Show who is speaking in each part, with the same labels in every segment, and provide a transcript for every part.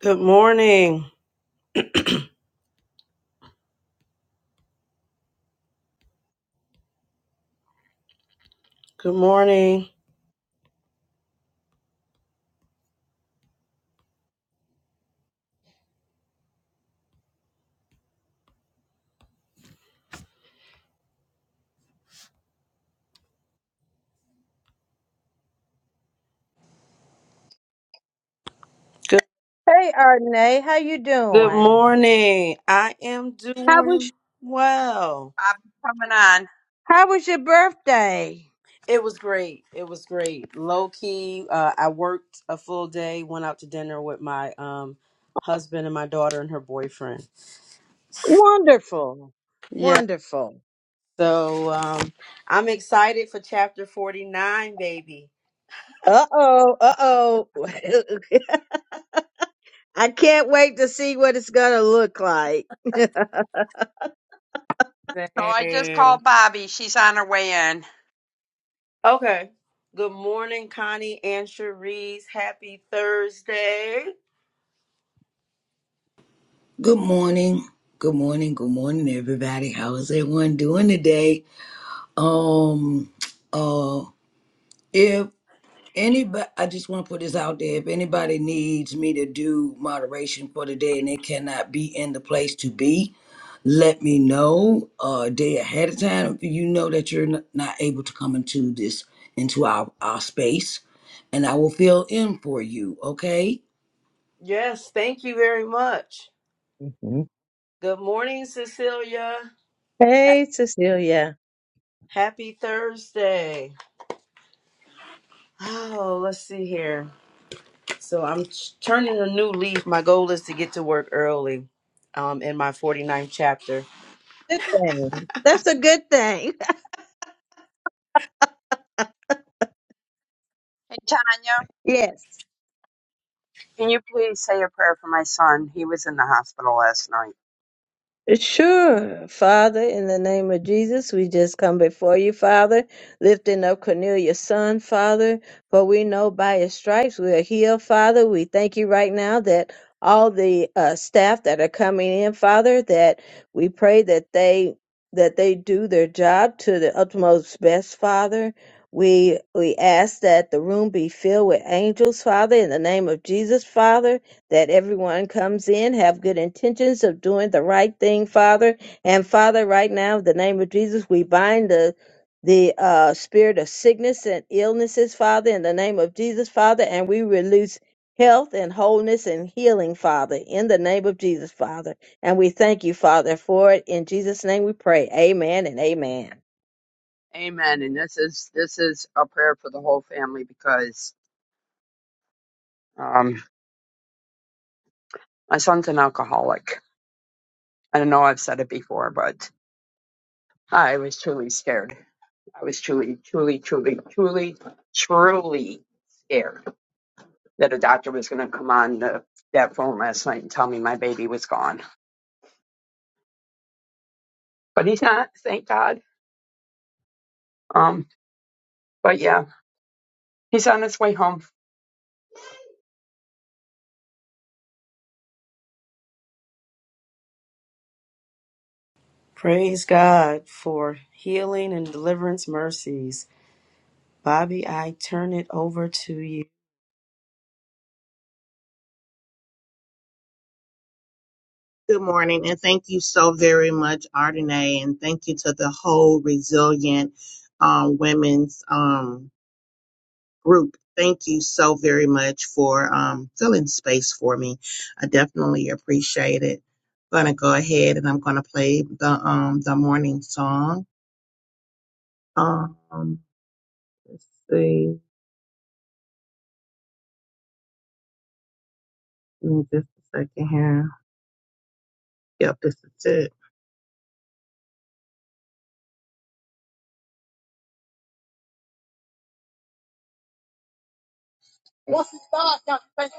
Speaker 1: Good morning. Good morning. Good
Speaker 2: Hey Arne, how you
Speaker 1: good
Speaker 2: doing?
Speaker 1: morning. I am
Speaker 2: How
Speaker 1: doing
Speaker 2: was
Speaker 1: well.
Speaker 3: Bobby's coming on.
Speaker 2: how was your birthday?
Speaker 1: It was great. It was great. Low key, uh, I worked a full day, went out to dinner with my um husband and my daughter and her boyfriend.
Speaker 2: Wonderful.
Speaker 1: Yeah.
Speaker 2: Wonderful.
Speaker 1: So um I'm excited for chapter 49, baby.
Speaker 2: Uh-oh, uh-oh. I can't wait to see what it's gonna look like.
Speaker 3: So I just
Speaker 1: Same.
Speaker 3: called Bobby. She's on her way in.
Speaker 1: Okay. Good morning, Connie and Cherise. Happy Thursday.
Speaker 4: Good morning. Good morning. Good morning, everybody. How is everyone doing today? Um, uh, if anybody, I just want to put this out there. If anybody needs me to do moderation for the day and they cannot be in the place to be, let me know uh, a day ahead of time. If you know that you're n- not able to come into this, into our, our space, and I will fill in for you, okay?
Speaker 1: Yes, thank you very much.
Speaker 2: Mhm.
Speaker 1: Good morning, Cecilia.
Speaker 2: Hey Cecilia.
Speaker 1: Happy Thursday. Oh, let's see here. So I'm ch- turning a new leaf. My goal is to get to work early um, in my 49th chapter.
Speaker 2: Hey. That's a good thing.
Speaker 3: Hey, Tanya,
Speaker 2: Yes.
Speaker 3: can you please say a prayer for my son? He was in the hospital last night.
Speaker 2: Sure, Father, in the name of Jesus, we just come before you, Father, lifting up Cornelius' son, Father, for we know by his stripes we are healed, Father. We thank you right now that all the uh, staff that are coming in, Father, that we pray that they that they do their job to the utmost best, Father. We we ask that the room be filled with angels, Father, in the name of Jesus, Father that everyone comes in have good intentions of doing the right thing, Father. And Father, right now, in the name of Jesus, we bind the the uh, spirit of sickness and illnesses, Father, in the name of Jesus, Father, and we release health and wholeness and healing, Father, in the name of Jesus, Father. And we thank you, Father, for it. In Jesus' name we pray. Amen and amen.
Speaker 3: Amen. And this is this is a prayer for the whole family because um, my son's an alcoholic. I don't know I've said it before, but I was truly scared. I was truly, truly, truly, truly, truly scared that a doctor was going to come on the, that phone last night and tell me my baby was gone. But he's not. Thank God. Um, But yeah, he's on his way home.
Speaker 1: Praise God for healing and deliverance mercies. Bobby, I turn it over to you.
Speaker 5: Good morning, and thank you so very much, Ardenae, and thank you to the whole Resilient um, Women's um, group. Thank you so very much for um, filling space for me. I definitely appreciate it. I'm gonna go ahead and I'm gonna play the um, the morning song. Um, let's see, Give me just a second here. Yep, this is it.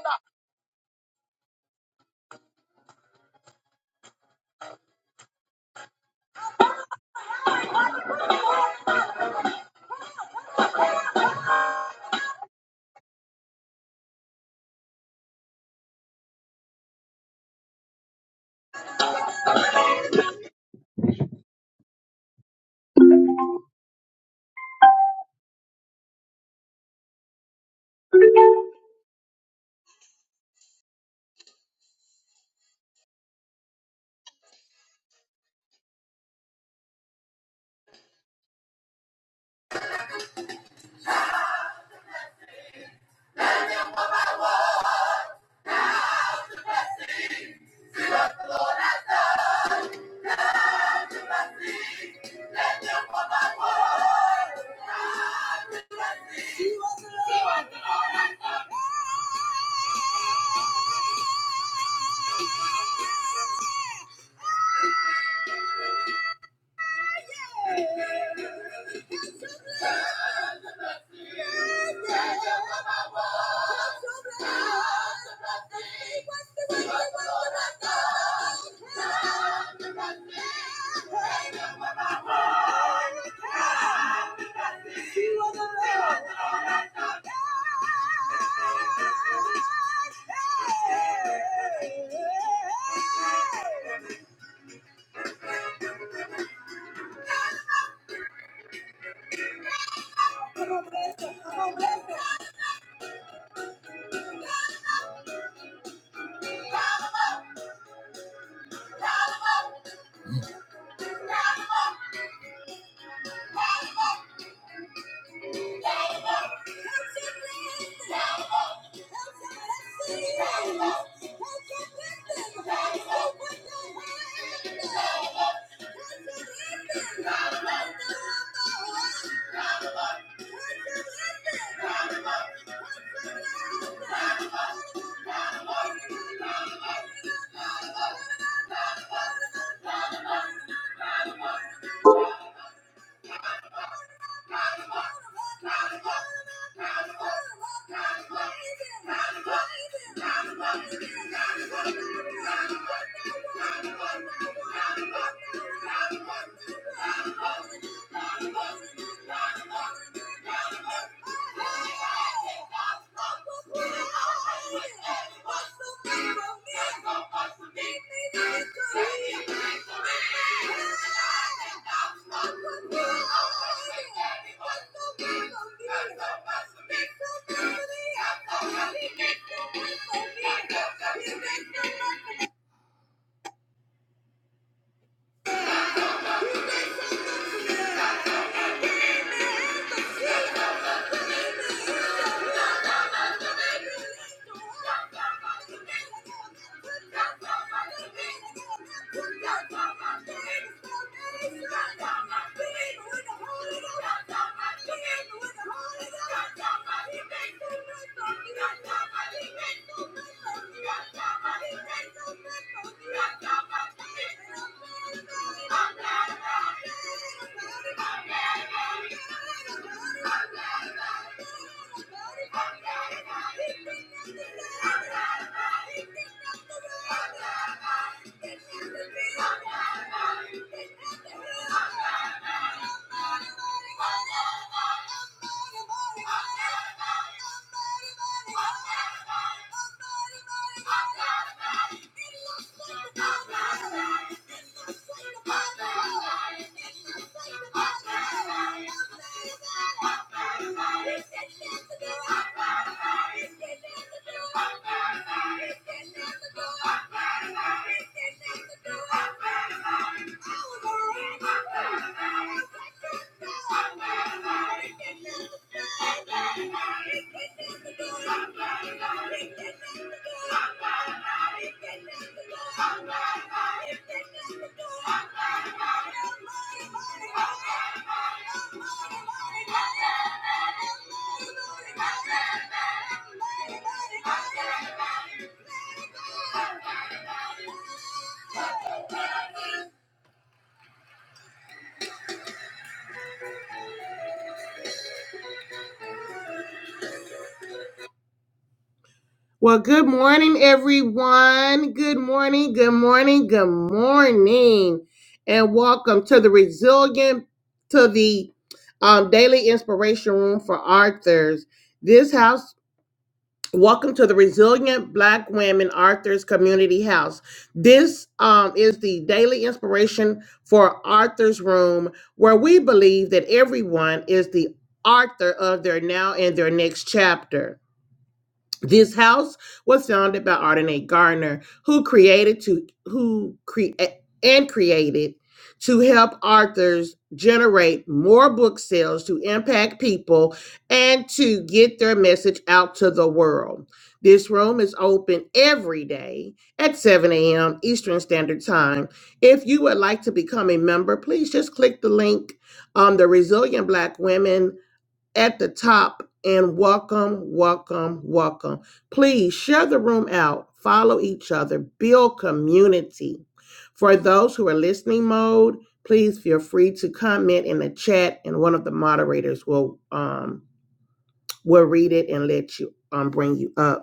Speaker 5: Well, good morning, everyone. Good morning, good morning, good morning, and welcome to the Resilient to the um, Daily Inspiration Room for Arthurs. This house, welcome to the Resilient Black Women Arthurs Community House. This um, is the Daily Inspiration for Arthurs Room, where we believe that everyone is the author of their now and their next chapter. This house was founded by Arden A. Gardner, who created to who create and created to help authors generate more book sales to impact people and to get their message out to the world. This room is open every day at 7 a.m. Eastern Standard Time. If you would like to become a member, please just click the link on the Resilient Black Women at the top and welcome, welcome, welcome. Please share the room out, follow each other, build community. For those who are listening mode, please feel free to comment in the chat, and one of the moderators will um will read it and let you um bring you up.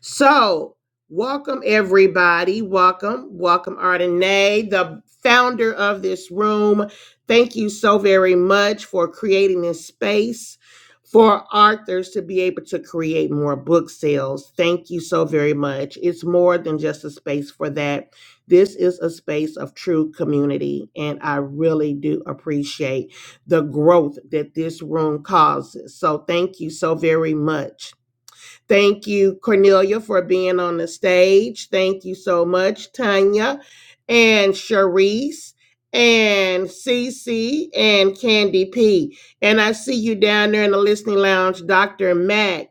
Speaker 5: So, welcome everybody. Welcome, welcome Ardenae, the founder of this room. Thank you so very much for creating this space for authors to be able to create more book sales. Thank you so very much. It's more than just a space for that. This is a space of true community, and I really do appreciate the growth that this room causes. So, thank you so very much. Thank you, Cornelia, for being on the stage. Thank you so much, Tanya and Sharice and Cece, and Candy P. And I see you down there in the listening lounge, Dr. Mac.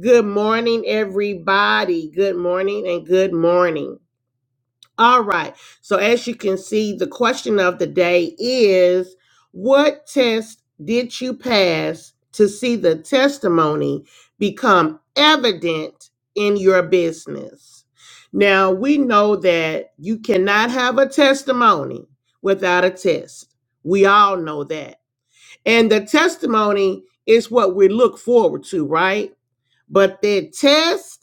Speaker 5: Good morning, everybody. Good morning and good morning. All right. So as you can see, the question of the day is what test did you pass to see the testimony become evident in your business? Now, we know that you cannot have a testimony without a test. We all know that. And the testimony is what we look forward to, right? But the test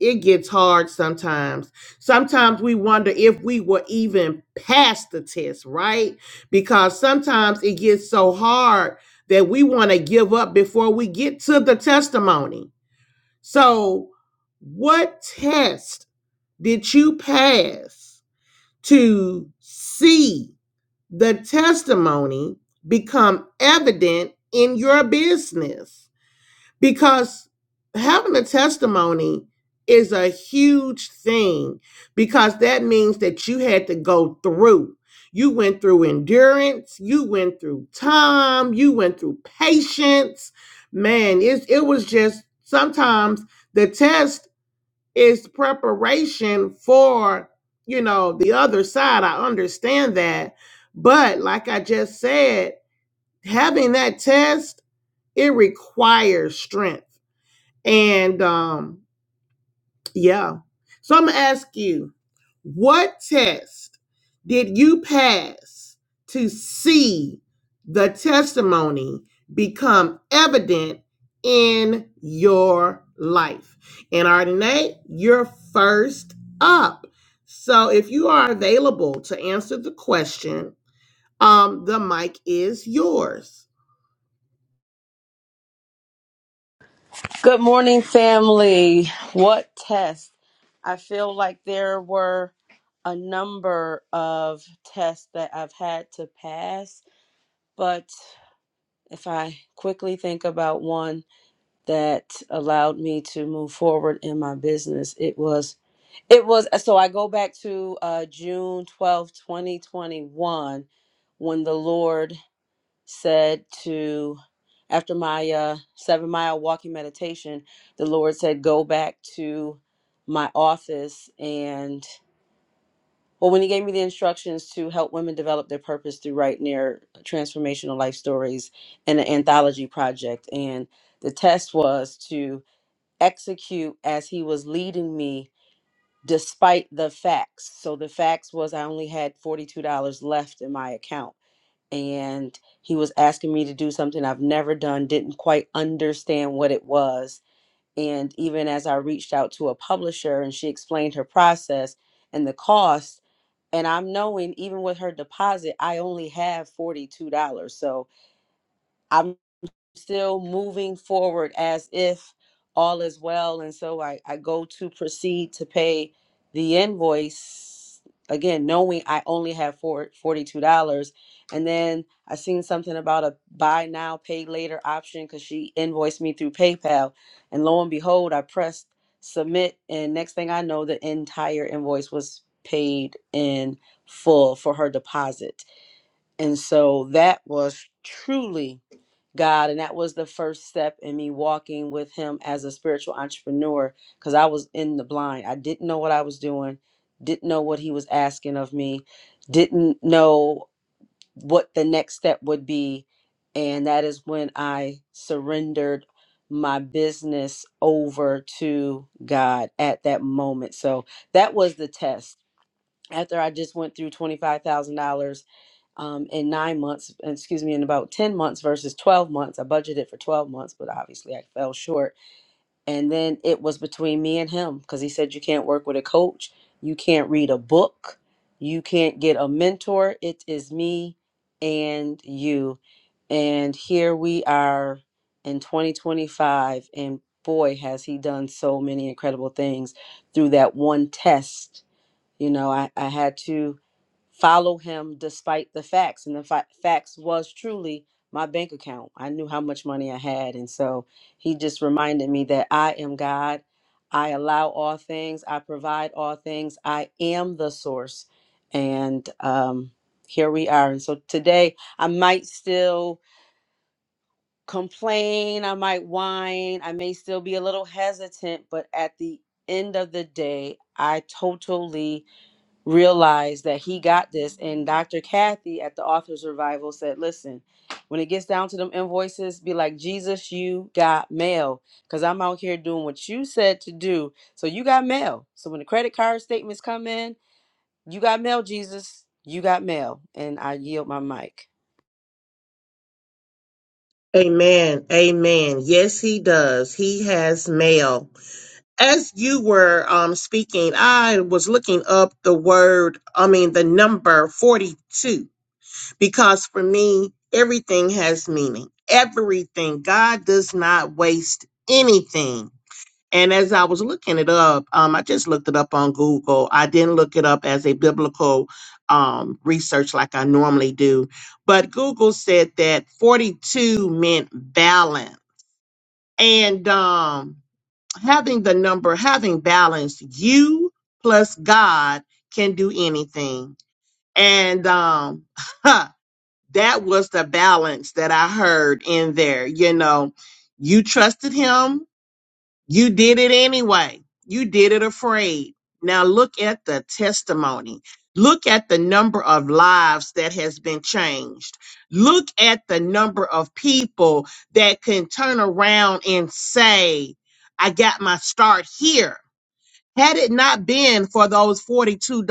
Speaker 5: it gets hard sometimes. Sometimes we wonder if we were even past the test, right? Because sometimes it gets so hard that we want to give up before we get to the testimony. So, what test did you pass to see the testimony become evident in your business? because having a testimony is a huge thing because that means that you had to go through. You went through endurance, you went through time, you went through patience. Man, it, it was just sometimes the test is preparation for, you know, the other side. I understand that. But like I just said, having that test, it requires strength and um, yeah. So I'm gonna ask you, what test did you pass to see the testimony become evident in your life? And Ardenae, you're first up. So if you are available to answer the question, um, the mic is yours.
Speaker 1: Good morning, family. What test? I feel like there were a number of tests that I've had to pass, but if I quickly think about one that allowed me to move forward in my business, it was it was uh, so I go back to uh, June twelfth, twenty 2021 when the Lord said to after my uh, seven mile walking meditation, the Lord said, go back to my office and well, when he gave me the instructions to help women develop their purpose through writing their uh, transformational life stories and an anthology project, and the test was to execute as he was leading me despite the facts. So the facts was I only had $42 left in my account and he was asking me to do something I've never done, didn't quite understand what it was. And even as I reached out to a publisher and she explained her process and the cost, and I'm knowing even with her deposit, I only have forty two dollars. So I'm still moving forward as if all is well. And so I, I go to proceed to pay the invoice again, knowing I only have four forty-two dollars And then I seen something about a buy now, pay later option because she invoiced me through PayPal. And lo and behold, I pressed submit. And next thing I know, the entire invoice was paid in full for her deposit. And so that was truly God. And that was the first step in me walking with Him as a spiritual entrepreneur because I was in the blind. I didn't know what I was doing, didn't know what He was asking of me, didn't know what the next step would be. And that is when I surrendered my business over to God at that moment. So that was the test. After I just went through $25,000 um, in nine months, excuse me, in about 10 months versus 12 months. I budgeted for 12 months, but obviously I fell short. And then it was between me and him because he said, You can't work with a coach, you can't read a book, you can't get a mentor. It is me and you. And here we are in 2025. And boy, has he done so many incredible things through that one test. You know, I, I had to follow him despite the facts and the fa- facts was truly my bank account i knew how much money i had and so he just reminded me that i am god i allow all things i provide all things i am the source and um here we are and so today i might still complain i might whine i may still be a little hesitant but at the end of the day i totally realized that he got this. And Dr. Kathy at the Authors Revival said, listen, when it gets down to them invoices, be like, Jesus, you got mail. Because I'm out here doing what you said to do. So you got mail. So when the credit card statements come in, you got mail, Jesus. You got mail. And I yield my mic.
Speaker 5: Amen. Amen. Yes, he does. He has mail. as you were um, speaking, I was looking up the word, I mean, the number 42, because for me, everything has meaning. Everything. God does not waste anything. And as I was looking it up, um, I just looked it up on Google. I didn't look it up as a biblical um, research like I normally do. But Google said that 42 meant balance. And um, having the number, having balance, you plus God can do anything. And um, that was the balance that I heard in there. You know, you trusted Him, you did it anyway. You did it afraid. Now look at the testimony. Look at the number of lives that has been changed. Look at the number of people that can turn around and say, I got my start here. Had it not been for those $42,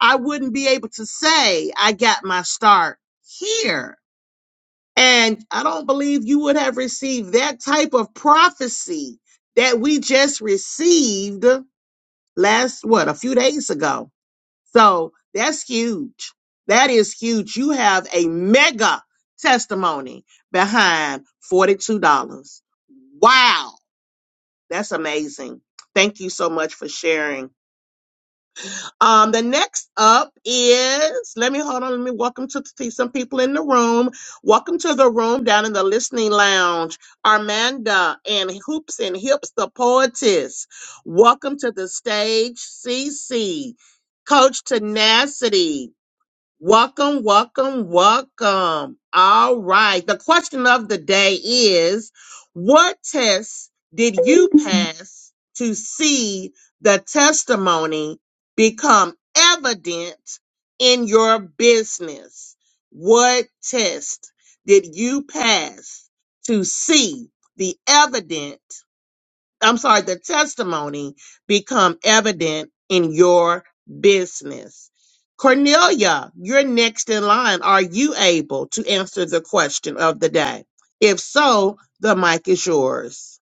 Speaker 5: I wouldn't be able to say, I got my start here. And I don't believe you would have received that type of prophecy that we just received last, what, a few days ago. So that's huge. That is huge. You have a mega testimony behind $42. Wow. That's amazing. Thank you so much for sharing. Um, the next up is let me hold on. Let me welcome to see some people in the room. Welcome to the room down in the listening lounge. Armanda and Hoops and Hips, the poetess. Welcome to the stage, CC. Coach Tenacity, Welcome, welcome, welcome. All right. The question of the day is What test did you pass to see the testimony become evident in your business? What test did you pass to see the evident? I'm sorry, the testimony become evident in your business. Cornelia, you're next in line. Are you able to answer the question of the day? If so, the mic is yours.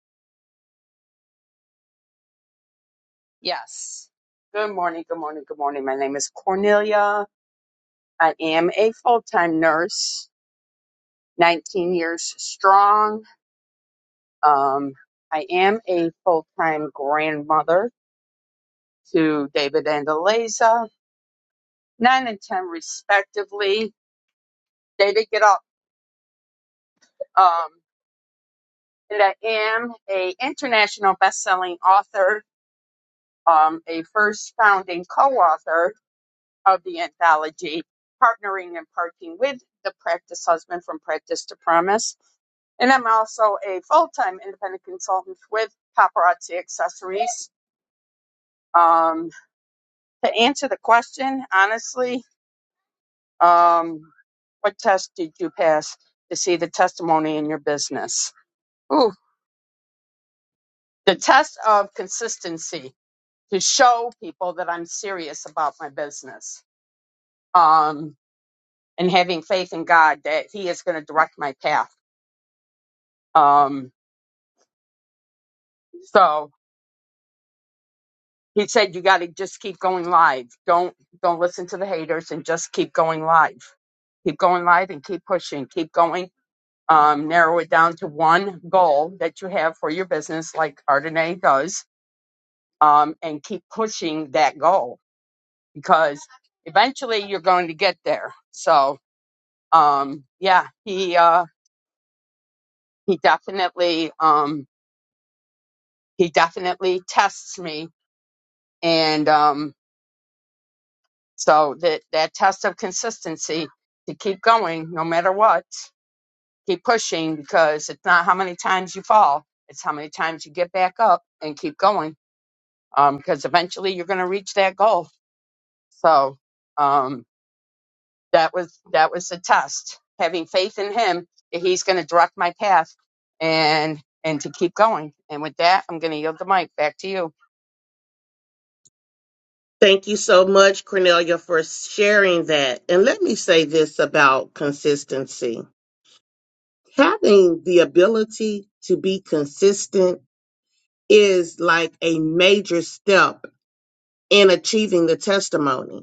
Speaker 3: Yes. Good morning, good morning, good morning. My name is Cornelia. I am a full time nurse, 19 years strong. Um, I am a full time grandmother to David and Eliza, 9 and 10 respectively. David, get up. Um, and I am a international best-selling author, um, a first founding co-author of the anthology, Partnering and Parting with the Practice Husband from Practice to Promise. And I'm also a full time independent consultant with Paparazzi Accessories. Um, to answer the question, honestly, um, what test did you pass to see the testimony in your business? Ooh, the test of consistency to show people that I'm serious about my business um, and having faith in God that He is going to direct my path Um, so he said you got to just keep going live. Don't don't listen to the haters and just keep going live. Keep going live and keep pushing. Keep going. Um, narrow it down to one goal that you have for your business, like Ardenae does, um, and keep pushing that goal because eventually you're going to get there. So um, yeah, he uh, he definitely um, he definitely tests me and um." So that that test of consistency to keep going no matter what, keep pushing because it's not how many times you fall, it's how many times you get back up and keep going. Um, because eventually you're going to reach that goal. So um, that was that was the test. Having faith in Him that He's going to direct my path and and to keep going. And with that, I'm going to yield the mic back to you.
Speaker 5: Thank you so much, Cornelia, for sharing that. And let me say this about consistency. Having the ability to be consistent is like a major step in achieving the testimony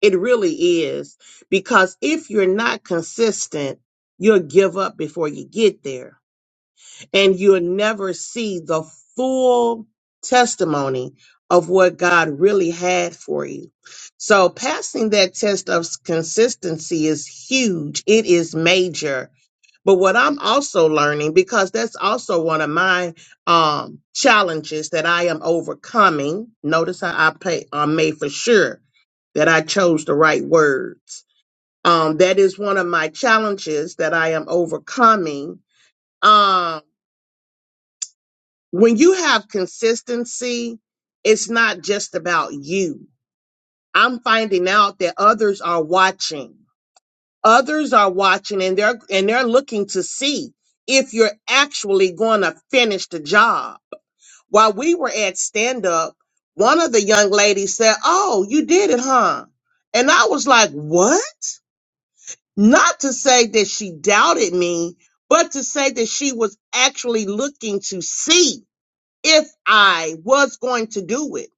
Speaker 5: It really is. Because if you're not consistent, you'll give up before you get there. And you'll never see the full testimony of what God really had for you. So passing that test of consistency is huge. It is major but what I'm also learning, because that's also one of my um, challenges that I am overcoming. Notice how I pay, uh, made for sure that I chose the right words. Um, that is one of my challenges that I am overcoming. Um, when you have consistency, it's not just about you. I'm finding out that others are watching. others are watching and they're and they're looking to see if you're actually going to finish the job while we were at stand up one of the young ladies said oh you did it huh and i was like what not to say that she doubted me but to say that she was actually looking to see if i was going to do it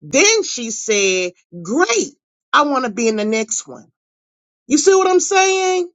Speaker 5: then she said great i want to be in the next one you see what i'm saying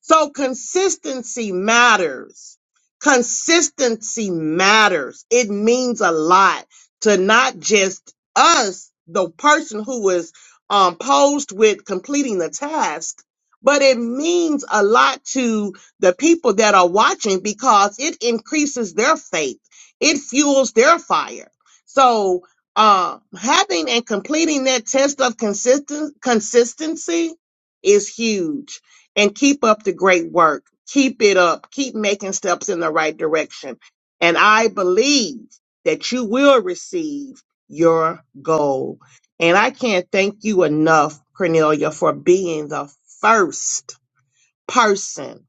Speaker 5: So consistency matters. Consistency matters. It means a lot to not just us, the person who is um, posed with completing the task, but it means a lot to the people that are watching because it increases their faith. It fuels their fire. So, uh, having and completing that test of consistent consistency is huge and keep up the great work. Keep it up. Keep making steps in the right direction. And I believe that you will receive your goal. And I can't thank you enough, Cornelia, for being the first person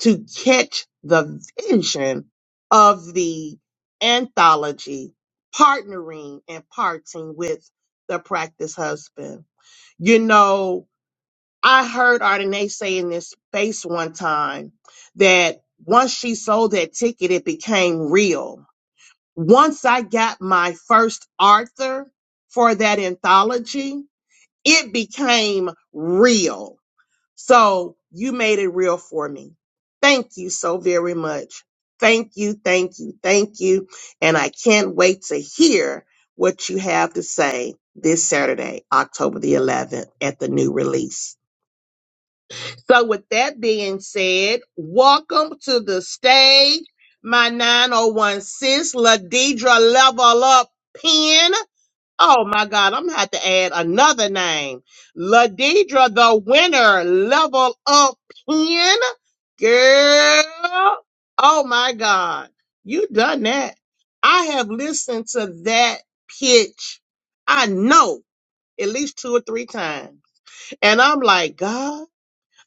Speaker 5: to catch the vision of the anthology, partnering and parting with the practice husband. You know, I heard Ardenae say in this space one time that once she sold that ticket, it became real. Once I got my first Arthur for that anthology, it became real. So you made it real for me. Thank you so very much. Thank you, thank you, thank you. And I can't wait to hear what you have to say this Saturday, October the 11th, at the new release. So, with that being said, welcome to the stage, my 901 sis, Ladidra Level Up Pen. Oh my God, I'm gonna have to add another name. Ladidra, the winner, Level Up Pen. Girl, oh my God, you done that. I have listened to that pitch, I know, at least two or three times. And I'm like, God.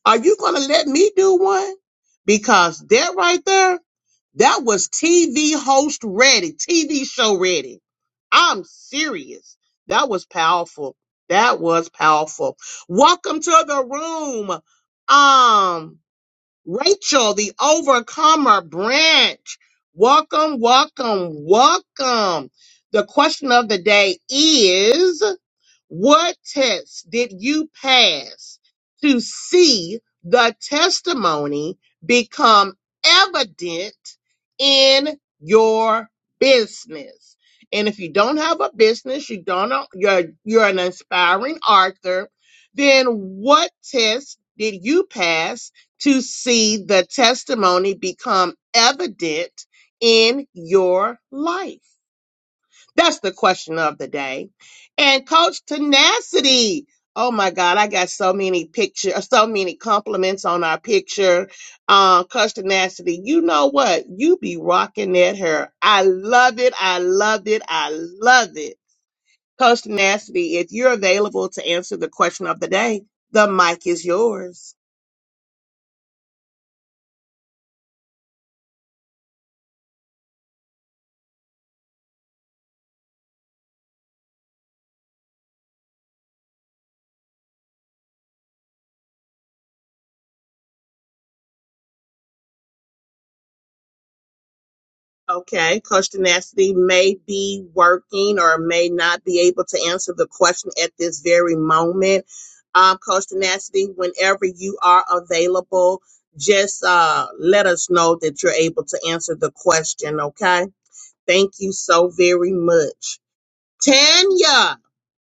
Speaker 5: Are you going to let me do one? Because that right there, that was TV host ready, TV show ready. I'm serious. That was powerful. That was powerful. Welcome to the room. Um, Rachel, the overcomer branch. Welcome, welcome, welcome. The question of the day is what test did you pass to see the testimony become evident in your business? And if you don't have a business, you don't know, you're you're an aspiring author, then what test did you pass to see the testimony become evident in your life? That's the question of the day. And Coach Tenacity. Oh my God, I got so many pictures, so many compliments on our picture. Uh, Coach Tenacity, you know what? You be rocking that hair. I love it. I love it. I love it. Coach Tenacity, if you're available to answer the question of the day, the mic is yours. Okay, Coach Tenacity may be working or may not be able to answer the question at this very moment. Um, Coach Tenacity, whenever you are available, just uh, let us know that you're able to answer the question, okay? Thank you so very much. Tanya,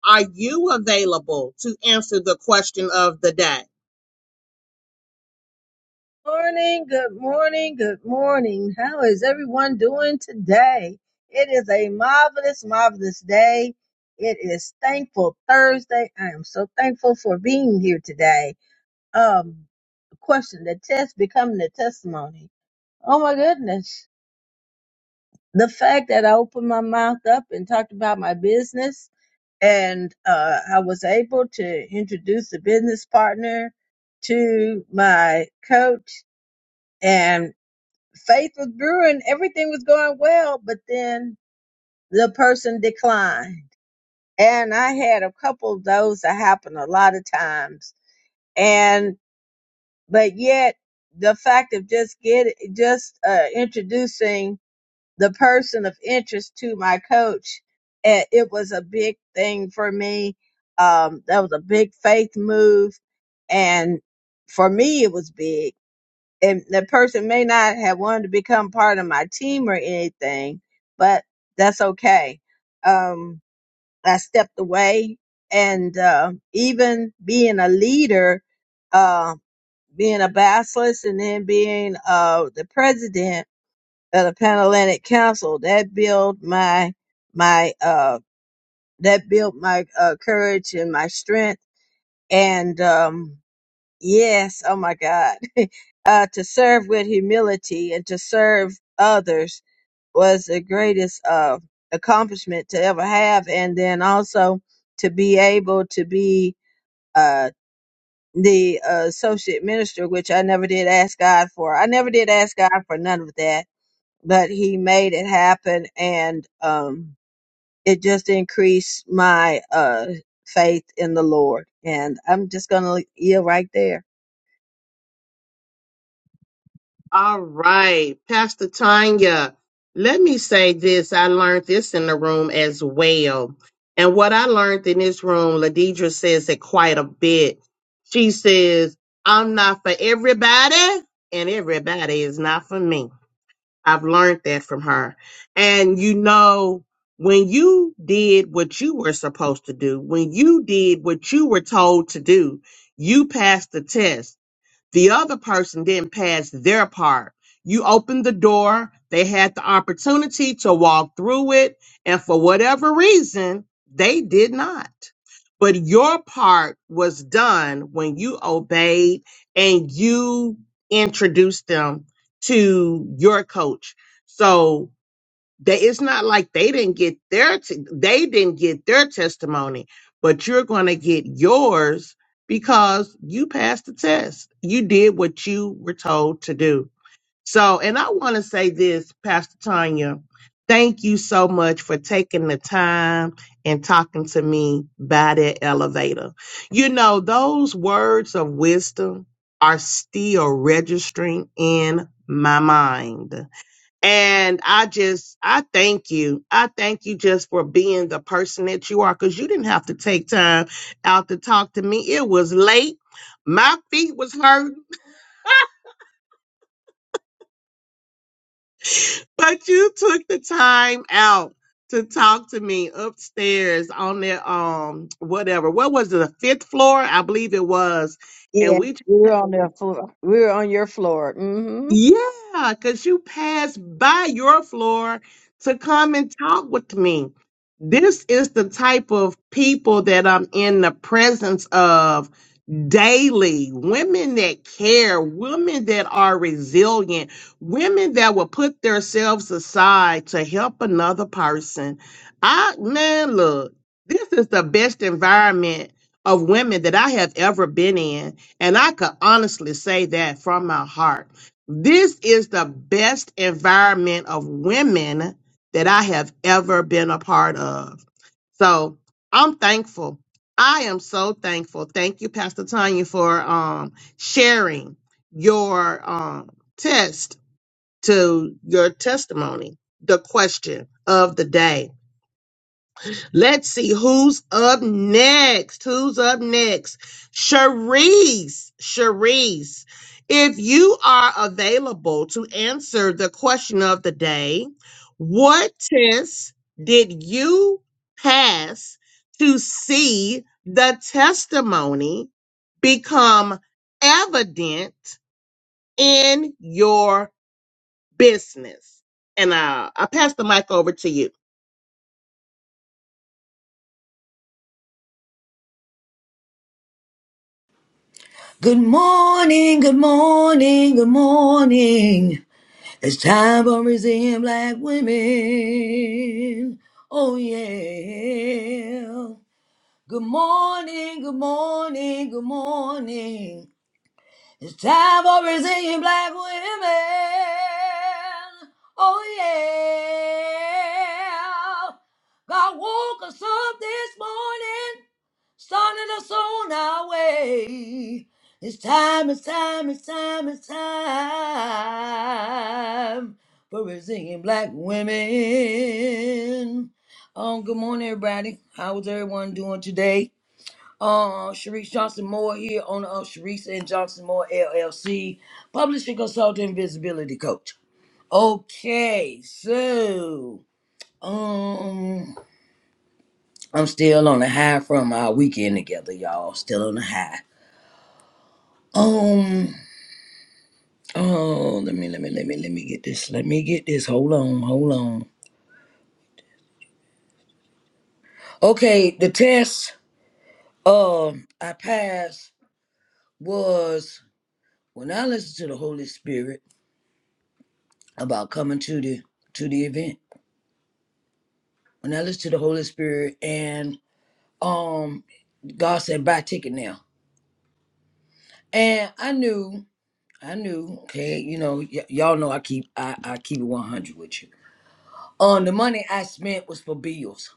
Speaker 5: are you available to answer the question of the day?
Speaker 2: Morning, good morning, good morning. How is everyone doing today? It is a marvelous, marvelous day. It is thankful Thursday. I am so thankful for being here today. Um, question, the test becoming the testimony. Oh my goodness. The fact that I opened my mouth up and talked about my business and uh, I was able to introduce the business partner to my coach and faith was brewing. Everything was going well, but then the person declined. And I had a couple of those that happen a lot of times. And, but yet the fact of just get just uh, introducing the person of interest to my coach. And it was a big thing for me. Um, that was a big faith move. And for me, it was big. And the person may not have wanted to become part of my team or anything, but that's okay. Um, I stepped away and, uh, even being a leader, uh, being a basilisk and then being, uh, the president, of the Pan Atlantic Council that built my my uh that built my uh courage and my strength and um yes oh my god uh to serve with humility and to serve others was the greatest uh accomplishment to ever have and then also to be able to be uh the uh, associate minister, which I never did ask God for. I never did ask God for none of that but he made it happen and um it just increased my uh faith in the lord and i'm just gonna yield right there
Speaker 5: All right, Pastor Tanya, let me say this. I learned this in the room as well. And what I learned in this room, Ladidra says it quite a bit. She says, I'm not for everybody, and everybody is not for me. I've learned that from her. And you know, when you did what you were supposed to do, when you did what you were told to do, you passed the test the other person didn't pass their part. You opened the door, they had the opportunity to walk through it, and for whatever reason, they did not. But your part was done when you obeyed and you introduced them to your coach. So they it's not like they didn't get their t- they didn't get their testimony but you're going to get yours because you passed the test you did what you were told to do so and i want to say this pastor tanya thank you so much for taking the time and talking to me by that elevator you know those words of wisdom are still registering in my mind and I just, I thank you. I thank you just for being the person that you are because you didn't have to take time out to talk to me. It was late. My feet was hurting, but you took the time out to talk to me upstairs on the, um, whatever. What was it? The fifth floor? I believe it was. And
Speaker 2: Yeah,
Speaker 5: we just
Speaker 2: we were on their floor. We were on your floor. Mm-hmm.
Speaker 5: yeah, because you passed by your floor to come and talk with me. This is the type of people that I'm in the presence of daily. Women that care, women that are resilient, women that will put themselves aside to help another person. I, man, look, this is the best environment of women that I have ever been in. And I could honestly say that from my heart. This is the best environment of women that I have ever been a part of. So I'm thankful. I am so thankful. Thank you, Pastor Tanya, for um, sharing your um, test to your testimony, the question of the day. Let's see who's up next. Who's up next? Sharice. Sharice, if you are available to answer the question of the day, what test did you pass to see the testimony become evident in your business? And uh, I pass the mic over to you.
Speaker 4: Good morning, good morning, good morning. It's time for museum black women. Oh yeah. Good morning, good morning, good morning. It's time for museum black women. Oh yeah. God woke us up this morning starting us on our way. It's time, it's time, it's time, it's time for Brazilian black women. Um, good morning, everybody. How is everyone doing today? Uh, Sharice Johnson Moore here, owner of Sharice and Johnson Moore LLC, publishing consultant, visibility coach. Okay, so um, I'm still on the high from our weekend together, y'all. Still on the high. Um. Oh, let me, let me, let me, let me get this. Let me get this. Hold on, hold on. Okay, the test um I passed was when I listened to the Holy Spirit about coming to the to the event. When I listened to the Holy Spirit and um God said buy a ticket now, and I knew, I knew. Okay, you know, y- y'all know I keep I I keep it one hundred with you. Um, the money I spent was for bills.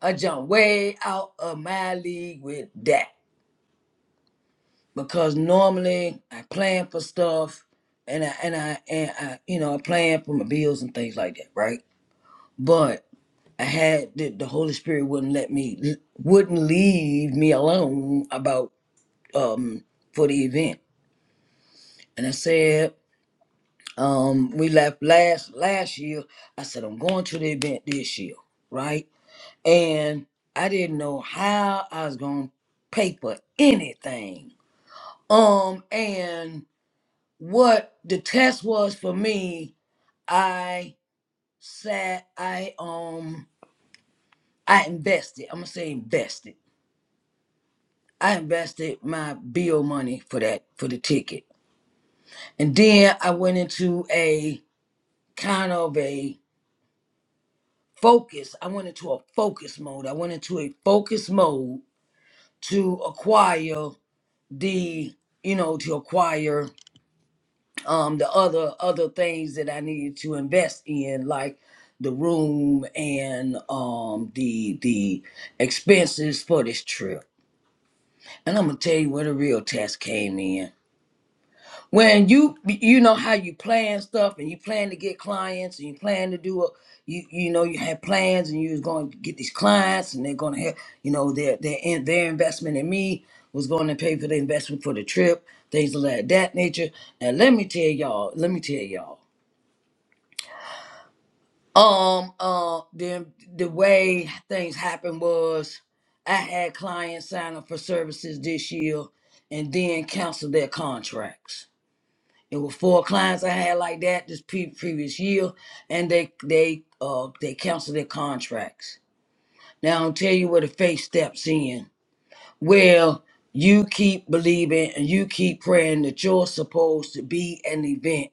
Speaker 4: I jumped way out of my league with that because normally I plan for stuff and I and I and I you know I plan for my bills and things like that, right? But I had the, the Holy Spirit wouldn't let me wouldn't leave me alone about um for the event, and I said um we left last last year. I said I'm going to the event this year, right? And I didn't know how I was gonna pay for anything Um, and what the test was for me, I sat, I um, I invested. I'm gonna say invested. I invested my bill money for that for the ticket, and then I went into a kind of a focus. I went into a focus mode. I went into a focus mode to acquire the, you know, to acquire um the other other things that I needed to invest in, like the room and um the the expenses for this trip. And I'm gonna tell you where the real test came in. When you you know how you plan stuff and you plan to get clients and you plan to do a you you know you had plans and you was going to get these clients and they're going to have you know their their in, their investment in me was going to pay for the investment for the trip things of that that nature. And let me tell y'all, let me tell y'all. Um, uh, the the way things happened was I had clients sign up for services this year and then cancel their contracts. It were four clients I had like that this pre- previous year, and they they uh they canceled their contracts. Now I'll tell you where the faith steps in. Well, you keep believing and you keep praying that you're supposed to be an event,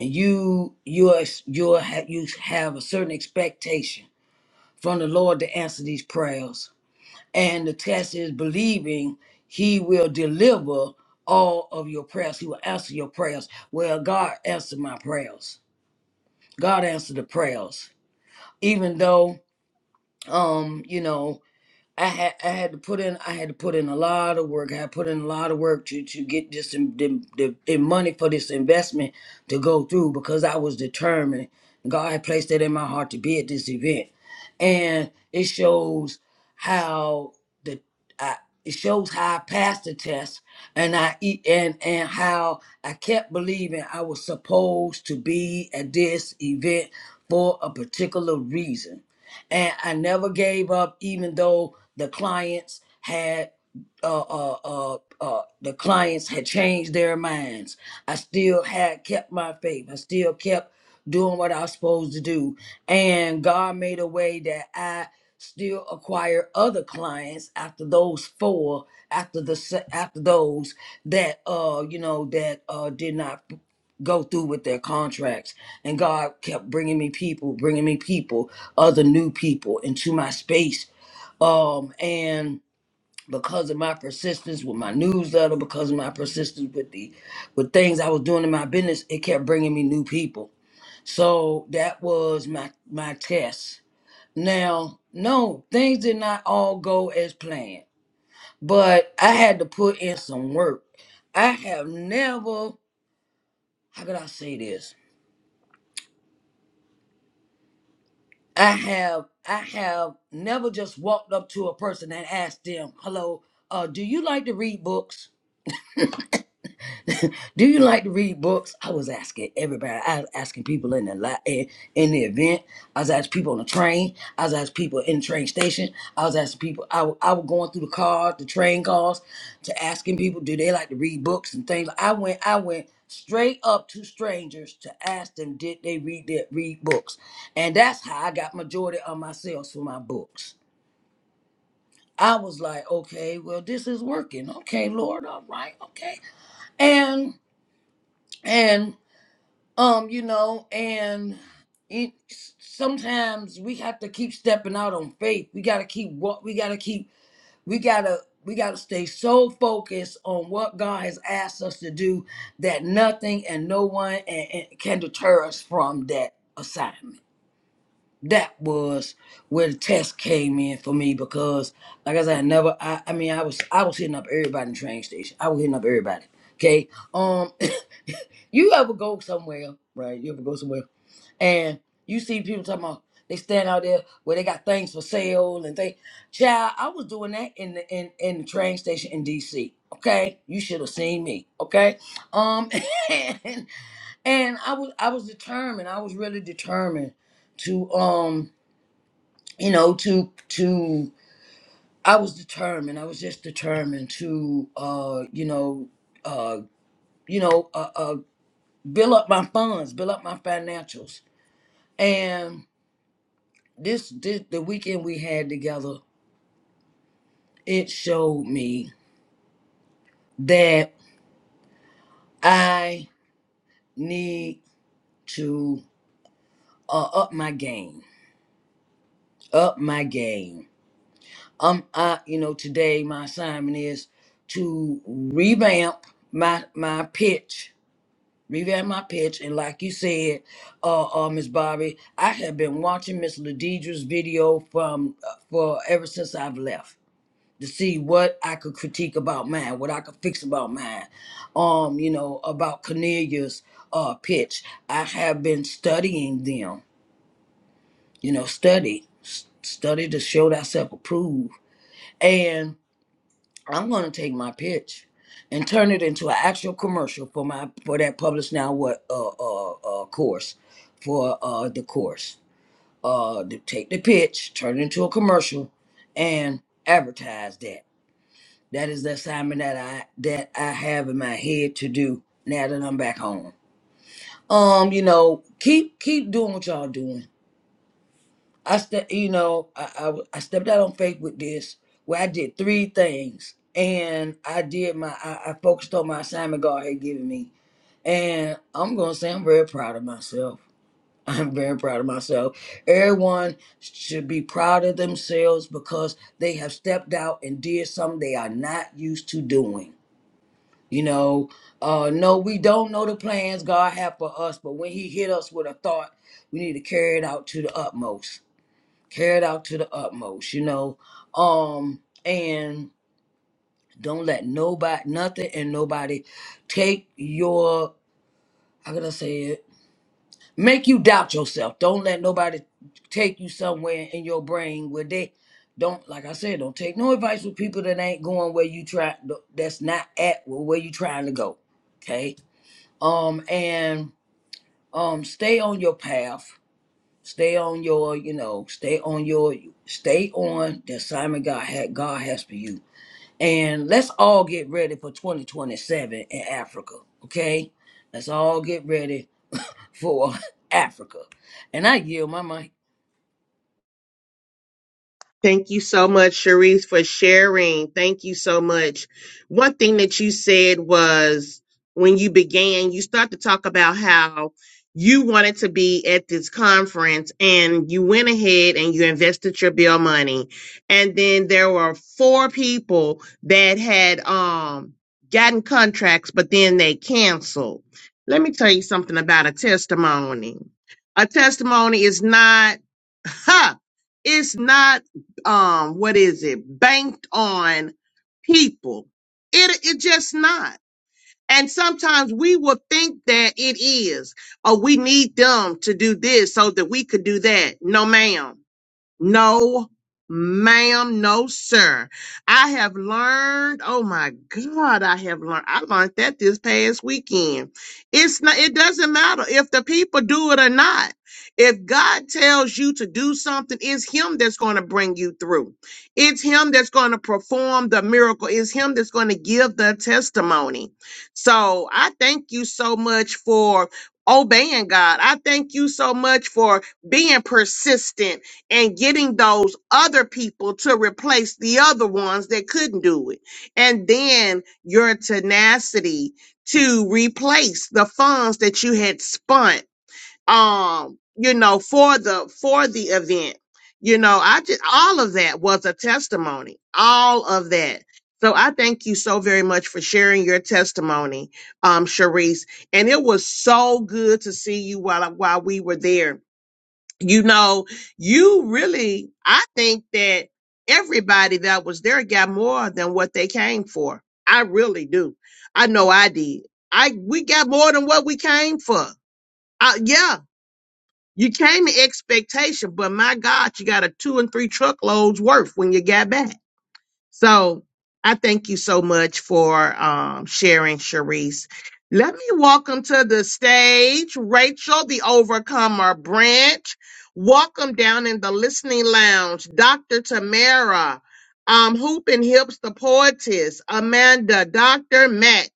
Speaker 4: and you you're you're you have a certain expectation from the Lord to answer these prayers. And the test is believing He will deliver all of your prayers. He will answer your prayers. Well, God answered my prayers. God answered the prayers. Even though, um, you know, I had I had to put in I had to put in a lot of work. I had put in a lot of work to to get this in, the, the, the money for this investment to go through because I was determined. God had placed that in my heart to be at this event, and it shows how the I, it shows how I passed the test and I e- and and how I kept believing I was supposed to be at this event for a particular reason and I never gave up, even though the clients had uh, uh, uh, uh, the clients had changed their minds. I still had kept my faith. I still kept doing what I was supposed to do, and God made a way that I still acquire other clients after those four after the se- after those that uh you know that uh did not go through with their contracts. And God kept bringing me people, bringing me people, other new people into my space. Um, and because of my persistence with my newsletter, because of my persistence with the with things I was doing in my business, it kept bringing me new people. So that was my my test. Now, no, things did not all go as planned, but I had to put in some work. I have never, how could I say this? I have I have never just walked up to a person and asked them, "Hello, uh, do you like to read books?" Do you like to read books? I was asking everybody. I was asking people in the li- in in the event. I was asking people on the train. I was asking people in the train station. I was asking people. I, wa- I was going through the cars, the train cars, to asking people do they like to read books and things. I went I went straight up to strangers to ask them did they read their, read books, and that's how I got majority of my sales for my books. I was like, okay, well this is working. Okay, Lord, all right, okay, and. And Um, you know, and it sometimes we have to keep stepping out on faith. We gotta keep what we gotta keep. We gotta we gotta stay so focused on what God has asked us to do that nothing and no one and, and can deter us from that assignment. That was where the test came in for me because, like I said, I never. I, I mean, I was I was hitting up everybody in the train station. I was hitting up everybody. Okay. Um, you ever go somewhere, right? You ever go somewhere? And you see people talking about they stand out there where they got things for sale and they child, I was doing that in the in, in the train station in DC. Okay. You should have seen me. Okay. Um and, and I was I was determined. I was really determined to um, you know, to to I was determined. I was just determined to uh, you know, uh, you know, uh, uh build up my funds, build up my financials. And this, this the weekend we had together, it showed me that I need to uh, up my game, up my game. Um, I you know today my assignment is to revamp my my pitch, revamp my pitch, and like you said, uh, uh Miss Bobby, I have been watching Miss Ladidra's video from uh, for ever since I've left to see what I could critique about mine, what I could fix about mine. Um, you know, about Cornelia's uh pitch. I have been studying them, you know, study, s- study to show thyself approved. And I'm gonna take my pitch and turn it into an actual commercial for my for that publish now what uh uh, uh course for uh the course. Uh to take the pitch, turn it into a commercial and advertise that That is the assignment that I that I have in my head to do now that I'm back home. Um, you know, keep keep doing what y'all doing. I ste- you know, I, I w- I stepped out on faith with this where I did three things and I did my I, I focused on my assignment God had given me. And I'm gonna say I'm very proud of myself. I'm very proud of myself. Everyone should be proud of themselves because they have stepped out and did something they are not used to doing You know, uh, no, we don't know the plans God have for us, but when He hit us with a thought, we need to carry it out to the utmost. Carry it out to the utmost, you know. Um, and don't let nobody, nothing, and nobody take your. How can I say it? Make you doubt yourself. Don't let nobody take you somewhere in your brain where they don't. Like I said, don't take no advice with people that ain't going where you try. That's not at where you trying to go. Okay um and um stay on your path stay on your you know stay on your stay on the assignment god had god has for you and let's all get ready for 2027 in africa okay let's all get ready for africa and i yield my mic
Speaker 5: Thank you so much, Sharice, for sharing. Thank you so much. One thing that you said was when you began, you started to talk about how you wanted to be at this conference and you went ahead and you invested your bill money. And then there were four people that had um gotten contracts, but then they canceled. Let me tell you something about a testimony. A testimony is not huh, it's not um what is it banked on people it it just not and sometimes we will think that it is or we need them to do this so that we could do that no ma'am no, ma'am, no, sir. I have learned, oh my God, I have learned. I learned that this past weekend. It's not, it doesn't matter if the people do it or not. If God tells you to do something, it's Him that's going to bring you through. It's Him that's going to perform the miracle. It's Him that's going to give the testimony. So I thank you so much for obeying God. I thank you so much for being persistent and getting those other people to replace the other ones that couldn't do it. And then your tenacity to replace the funds that you had spent um you know for the for the event. You know, I just all of that was a testimony. All of that. So I thank you so very much for sharing your testimony, um, Sharice. And it was so good to see you while while we were there you know, you really, I think that everybody that was there got more than what they came for. I really do. I know I did. I we got more than what we came for. Uh, yeah, you came in expectation, but my God, you got a two and three truckloads worth when you got back. So I thank you so much for um, sharing, Sharice. Let me welcome to the stage Rachel, the Overcomer Branch. Welcome down in the listening lounge, Dr. Tamara, um, Hoop and Hips, the poetess, Amanda, Dr. Mack,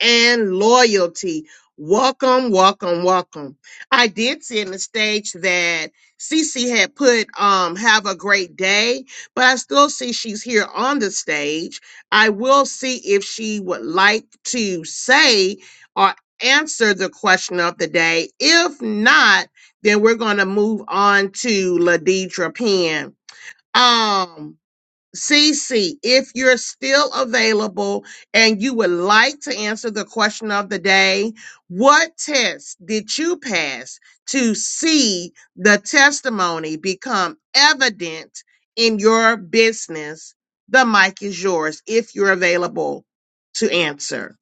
Speaker 5: and Loyalty. Welcome, welcome, welcome. I did see in the stage that Cece had put um, "Have a Great Day," but I still see she's here on the stage. I will see if she would like to say or answer the question of the day. If not, then we're going to move on to Ladidra Penn. Um, CC, if you're still available and you would like to answer the question of the day, what test did you pass to see the testimony become evident in your business? The mic is yours if you're available to answer.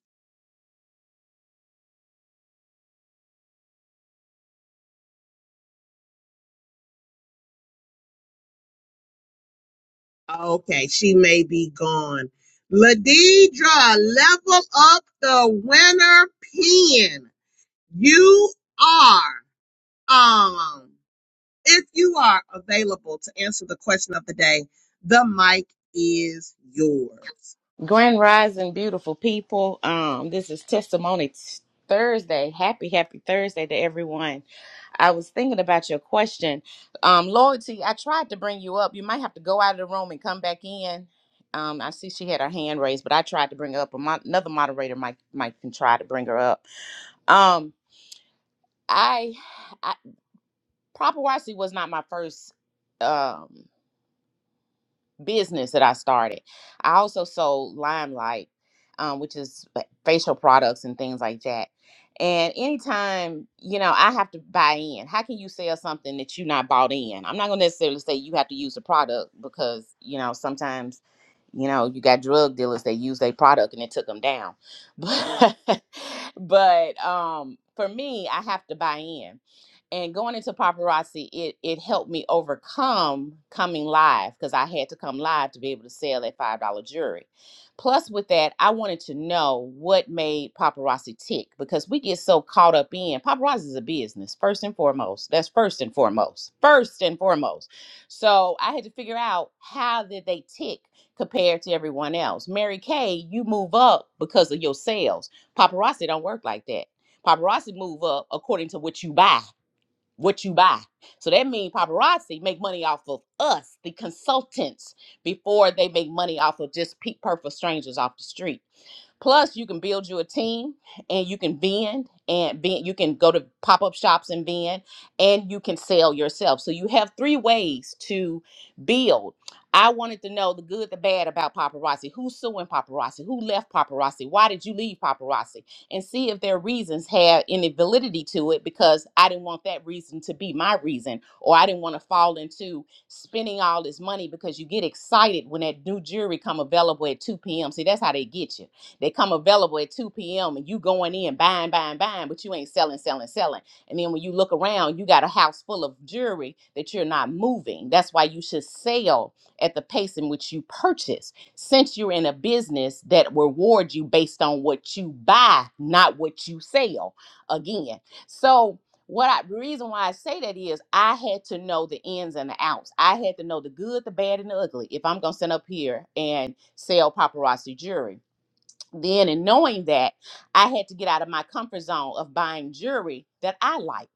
Speaker 5: Okay, she may be gone. Ladidra, level up the winner pin. You are. Um, If you are available to answer the question of the day, the mic is yours.
Speaker 6: Grand Rising, beautiful people. Um, this is Testimony Thursday. Happy, happy Thursday to everyone. I was thinking about your question. Um, Loyalty, I tried to bring you up. You might have to go out of the room and come back in. Um, I see she had her hand raised, but I tried to bring her up. A mo- another moderator might might can try to bring her up. Um, I, I Proper YC was not my first. Um, business that I started. I also sold Limelight, um, which is fa- facial products and things like that. And anytime, you know, I have to buy in. How can you sell something that you not bought in? I'm not gonna necessarily say you have to use the product because, you know, sometimes, you know, you got drug dealers that use their product and it took them down. But but um for me, I have to buy in and going into paparazzi it it helped me overcome coming live because i had to come live to be able to sell that five dollar jewelry plus with that i wanted to know what made paparazzi tick because we get so caught up in paparazzi is a business first and foremost that's first and foremost first and foremost so i had to figure out how did they tick compared to everyone else mary kay you move up because of your sales paparazzi don't work like that paparazzi move up according to what you buy what you buy. So that means paparazzi make money off of us, the consultants, before they make money off of just pe- perfect strangers off the street. Plus, you can build you a team and you can vend and vend. You can go to pop up shops and vend and you can sell yourself. So you have three ways to build. I wanted to know the good, the bad about paparazzi. Who's suing paparazzi? Who left paparazzi? Why did you leave paparazzi? And see if their reasons had any validity to it because I didn't want that reason to be my reason or I didn't want to fall into spending all this money because you get excited when that new jewelry come available at 2 p.m. See, that's how they get you they come available at 2 p.m. and you going in buying, buying, buying, but you ain't selling, selling, selling. And then when you look around, you got a house full of jewelry that you're not moving. That's why you should sell at the pace in which you purchase, since you're in a business that rewards you based on what you buy, not what you sell. Again, so what I the reason why I say that is I had to know the ins and the outs. I had to know the good, the bad, and the ugly if I'm gonna sit up here and sell paparazzi jewelry then and knowing that i had to get out of my comfort zone of buying jewelry that i like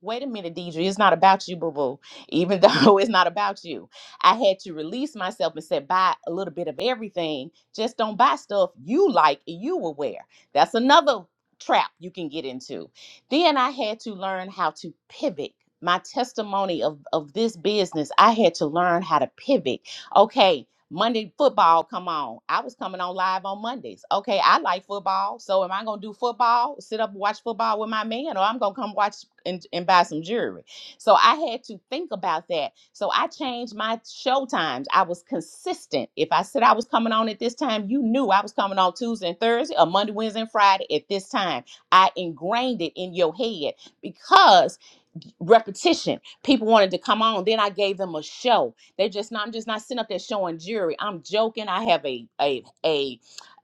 Speaker 6: wait a minute deidre it's not about you boo boo even though it's not about you i had to release myself and say buy a little bit of everything just don't buy stuff you like and you will wear that's another trap you can get into then i had to learn how to pivot my testimony of, of this business i had to learn how to pivot okay Monday football come on. I was coming on live on Mondays. Okay, I like football. So am I gonna do football, sit up and watch football with my man, or I'm gonna come watch and, and buy some jewelry? So I had to think about that. So I changed my show times. I was consistent. If I said I was coming on at this time, you knew I was coming on Tuesday and Thursday or Monday, Wednesday, and Friday at this time. I ingrained it in your head because repetition. People wanted to come on. Then I gave them a show they're just not, I'm just not sitting up there showing jewelry. I'm joking. I have a a a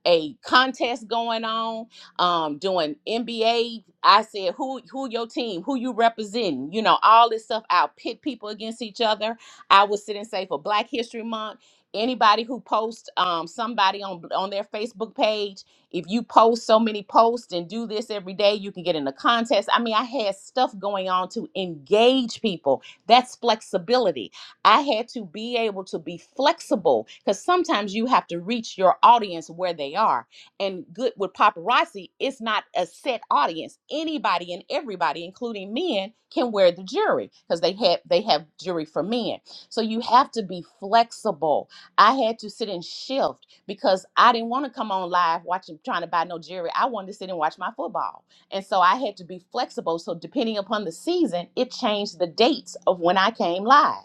Speaker 6: a contest going on, um, doing NBA. I said, who who your team, who you representing, you know, all this stuff. I'll pit people against each other. I will sit and say for Black History Month, anybody who posts um somebody on on their Facebook page, if you post so many posts and do this every day, you can get in a contest. I mean, I had stuff going on to engage people. That's flexibility I had to be able to be flexible because sometimes you have to reach your audience where they are. And good with paparazzi, it's not a set audience. Anybody and everybody, including men, can wear the jewelry because they have they have jewelry for men. So you have to be flexible. I had to sit and shift because I didn't want to come on live watching trying to buy no jewelry. I wanted to sit and watch my football. And so I had to be flexible. So depending upon the season, it changed the dates of when I came live.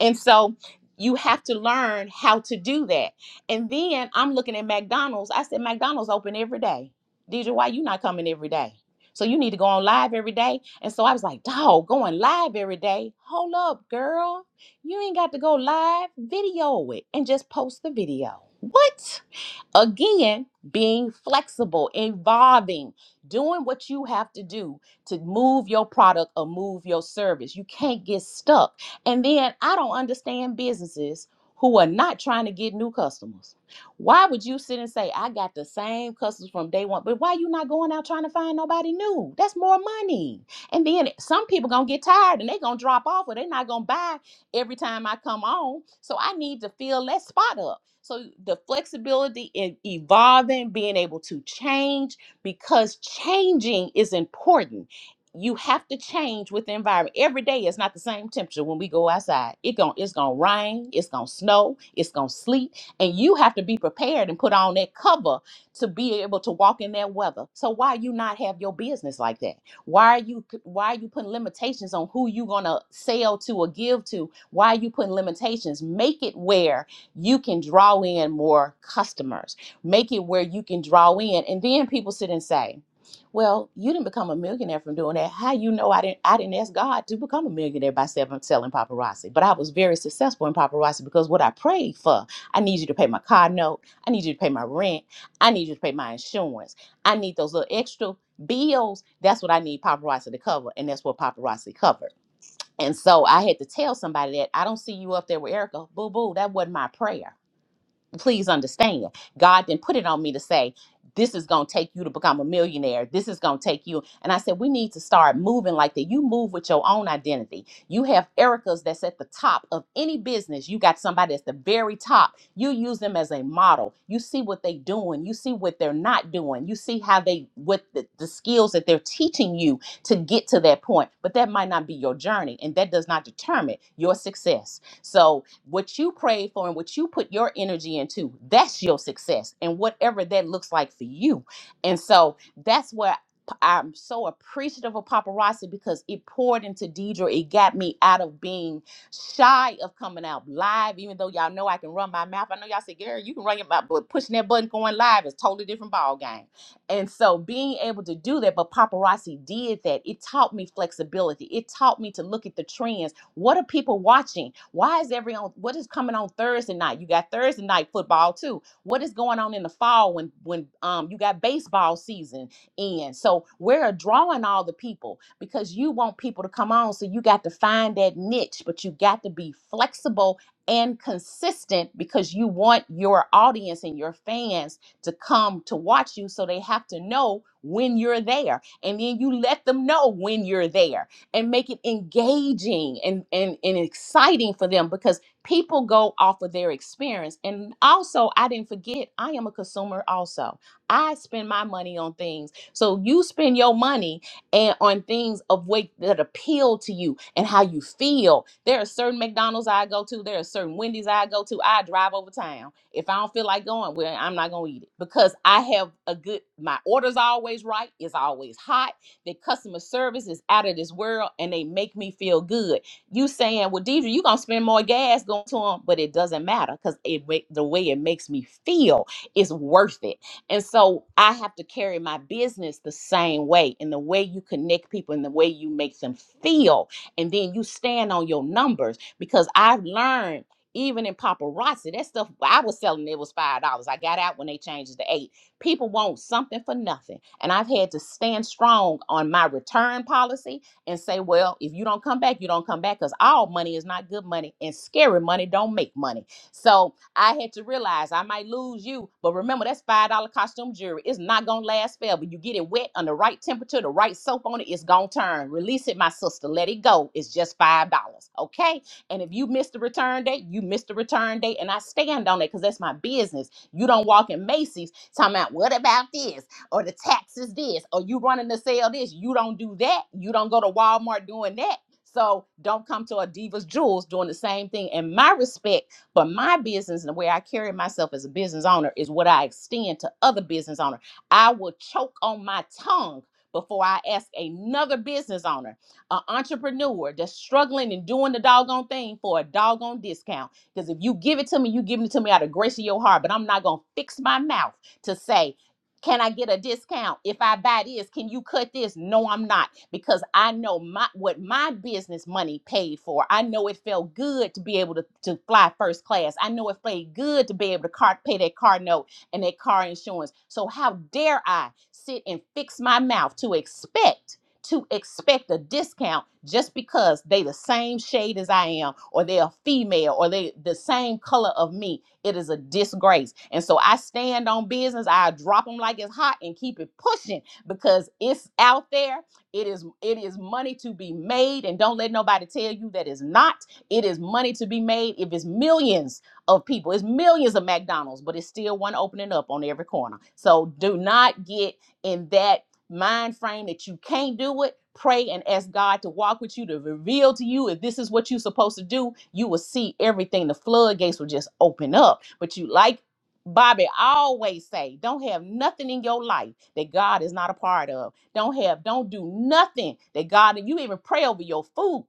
Speaker 6: And so you have to learn how to do that. And then I'm looking at McDonald's. I said, McDonald's open every day. DJ, why you not coming every day? So you need to go on live every day. And so I was like, dog, going live every day. Hold up, girl. You ain't got to go live. Video it and just post the video. What? Again, being flexible, evolving, doing what you have to do to move your product or move your service. You can't get stuck. And then I don't understand businesses who are not trying to get new customers. Why would you sit and say, I got the same customers from day one, but why you not going out trying to find nobody new? That's more money. And then some people gonna get tired and they gonna drop off or they not gonna buy every time I come on. So I need to fill that spot up. So the flexibility in evolving, being able to change, because changing is important. You have to change with the environment. Every day is not the same temperature when we go outside. It gon' it's gonna rain, it's gonna snow, it's gonna sleet, and you have to be prepared and put on that cover to be able to walk in that weather. So why you not have your business like that? Why are you why are you putting limitations on who you gonna sell to or give to? Why are you putting limitations? Make it where you can draw in more customers. Make it where you can draw in. And then people sit and say, well, you didn't become a millionaire from doing that. How you know I didn't I didn't ask God to become a millionaire by seven, selling paparazzi. But I was very successful in paparazzi because what I prayed for, I need you to pay my car note, I need you to pay my rent, I need you to pay my insurance. I need those little extra bills. That's what I need paparazzi to cover. And that's what paparazzi covered. And so I had to tell somebody that I don't see you up there with Erica. Boo boo, that wasn't my prayer please understand god didn't put it on me to say this is going to take you to become a millionaire this is going to take you and i said we need to start moving like that you move with your own identity you have erica's that's at the top of any business you got somebody that's the very top you use them as a model you see what they doing you see what they're not doing you see how they what the, the skills that they're teaching you to get to that point but that might not be your journey and that does not determine your success so, what you pray for and what you put your energy into, that's your success, and whatever that looks like for you. And so, that's where p- I'm so appreciative of paparazzi because it poured into Deidre. It got me out of being shy of coming out live, even though y'all know I can run my mouth. I know y'all say, "Girl, you can run your mouth," but pushing that button going live is totally different ball game. And so, being able to do that, but paparazzi did that. It taught me flexibility. It taught me to look at the trends what are people watching? Why is every on what is coming on Thursday night? You got Thursday night football too. What is going on in the fall when when um you got baseball season in? So we're drawing all the people because you want people to come on. So you got to find that niche, but you got to be flexible and consistent because you want your audience and your fans to come to watch you so they have to know when you're there and then you let them know when you're there and make it engaging and, and, and exciting for them because people go off of their experience. And also, I didn't forget, I am a consumer also. I spend my money on things. So you spend your money and on things of weight that appeal to you and how you feel. There are certain McDonald's I go to, there are certain Wendy's I go to. I drive over town. If I don't feel like going, well, I'm not gonna eat it because I have a good my order's always right, it's always hot their customer service is out of this world and they make me feel good. You saying, well, Deidre, you're going to spend more gas going to them, but it doesn't matter because it wa- the way it makes me feel is worth it. And so I have to carry my business the same way in the way you connect people and the way you make them feel. And then you stand on your numbers because I've learned even in paparazzi, that stuff I was selling it was five dollars. I got out when they changed it to eight. People want something for nothing. And I've had to stand strong on my return policy and say, well, if you don't come back, you don't come back because all money is not good money and scary money don't make money. So I had to realize I might lose you, but remember that's $5 costume jewelry. It's not going to last forever. You get it wet on the right temperature, the right soap on it, it's going to turn. Release it, my sister. Let it go. It's just $5. Okay? And if you miss the return date, you miss the return date. And I stand on it because that's my business. You don't walk in Macy's talking about what about this or the taxes this or you running to sell this. You don't do that. You don't go to Walmart doing that. So don't come to a Divas Jewels doing the same thing. And my respect for my business and the way I carry myself as a business owner is what I extend to other business owners. I will choke on my tongue before I ask another business owner, an entrepreneur that's struggling and doing the doggone thing for a doggone discount. Because if you give it to me, you give it to me out of grace of your heart. But I'm not gonna fix my mouth to say, can I get a discount if I buy this? Can you cut this? No, I'm not because I know my what my business money paid for. I know it felt good to be able to, to fly first class. I know it felt good to be able to car, pay that car note and that car insurance. So how dare I sit and fix my mouth to expect? to expect a discount just because they the same shade as I am, or they are female, or they the same color of me. It is a disgrace. And so I stand on business. I drop them like it's hot and keep it pushing because it's out there. It is it is money to be made, and don't let nobody tell you that it's not. It is money to be made. If it's millions of people, it's millions of McDonald's, but it's still one opening up on every corner. So do not get in that mind frame that you can't do it, pray and ask God to walk with you, to reveal to you if this is what you're supposed to do, you will see everything. The floodgates will just open up. But you like Bobby always say, don't have nothing in your life that God is not a part of. Don't have, don't do nothing that God you even pray over your food.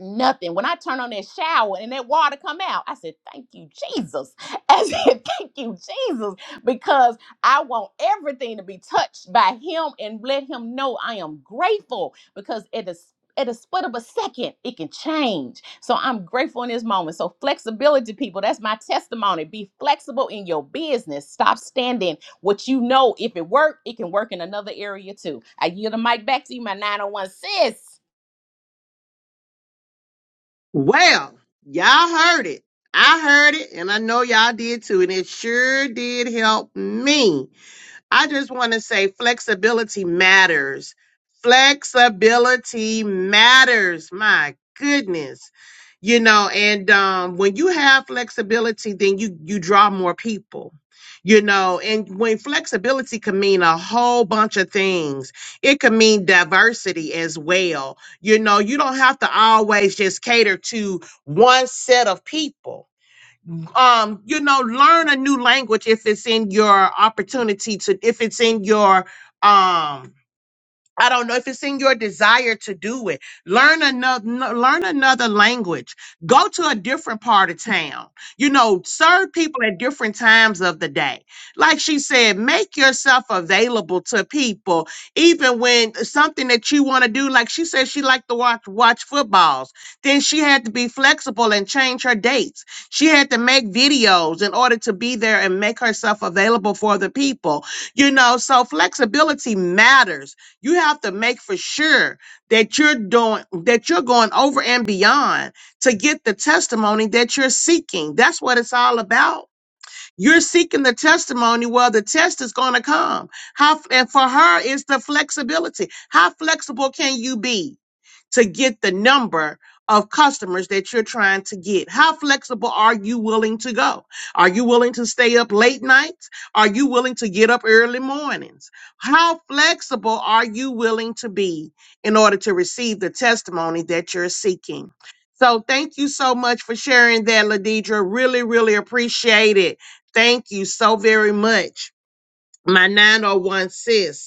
Speaker 6: Nothing. When I turn on that shower and that water come out, I said, "Thank you, Jesus." I said, "Thank you, Jesus," because I want everything to be touched by him and let him know I am grateful because it is at a split of a second, it can change. So I'm grateful in this moment. So flexibility, people, that's my testimony. Be flexible in your business. Stop standing what you know. If it worked, it can work in another area too. I yield the mic back to you, my 901 sis.
Speaker 5: Well, y'all heard it. I heard it, and I know y'all did too, and it sure did help me. I just want to say flexibility matters. Flexibility matters. My goodness. You know, and um, when you have flexibility, then you you draw more people. You know, and when flexibility can mean a whole bunch of things, it can mean diversity as well. You know, you don't have to always just cater to one set of people um you know learn a new language if it's in your opportunity to if it's in your um I don't know if it's in your desire to do it. Learn another, learn another language. Go to a different part of town. You know, serve people at different times of the day. Like she said, make yourself available to people, even when something that you want to do. Like she said, she liked to watch watch footballs. Then she had to be flexible and change her dates. She had to make videos in order to be there and make herself available for the people. You know, so flexibility matters you have to make for sure that you're doing that you're going over and beyond to get the testimony that you're seeking. That's what it's all about. You're seeking the testimony. Well, the test is going to come. How and for her is the flexibility. How flexible can you be? to get the number of customers that you're trying to get. How flexible are you willing to go? Are you willing to stay up late nights? Are you willing to get up early mornings? How flexible are you willing to be in order to receive the testimony that you're seeking? So thank you so much for sharing that, Ladidra. Really, really appreciate it. Thank you so very much. My 901 sis.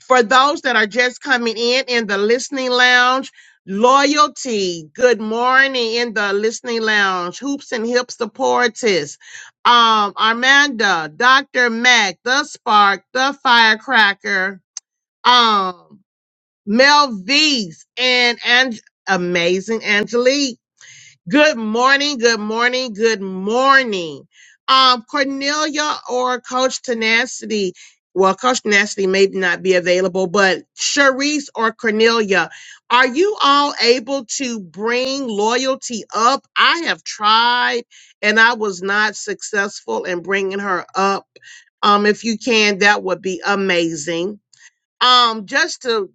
Speaker 5: For those that are just coming in in the listening lounge, loyalty. Good morning in the listening lounge. Hoops and hip supporters. Um, Armanda, Dr. Mac, the spark, the firecracker. Um, Mel V's and and amazing Angelique. Good morning, good morning, good morning. Um, Cornelia or Coach Tenacity. Well, Coach Tenacity may not be available, but Sharice or Cornelia, are you all able to bring loyalty up? I have tried and I was not successful in bringing her up. Um, if you can, that would be amazing. Um, just to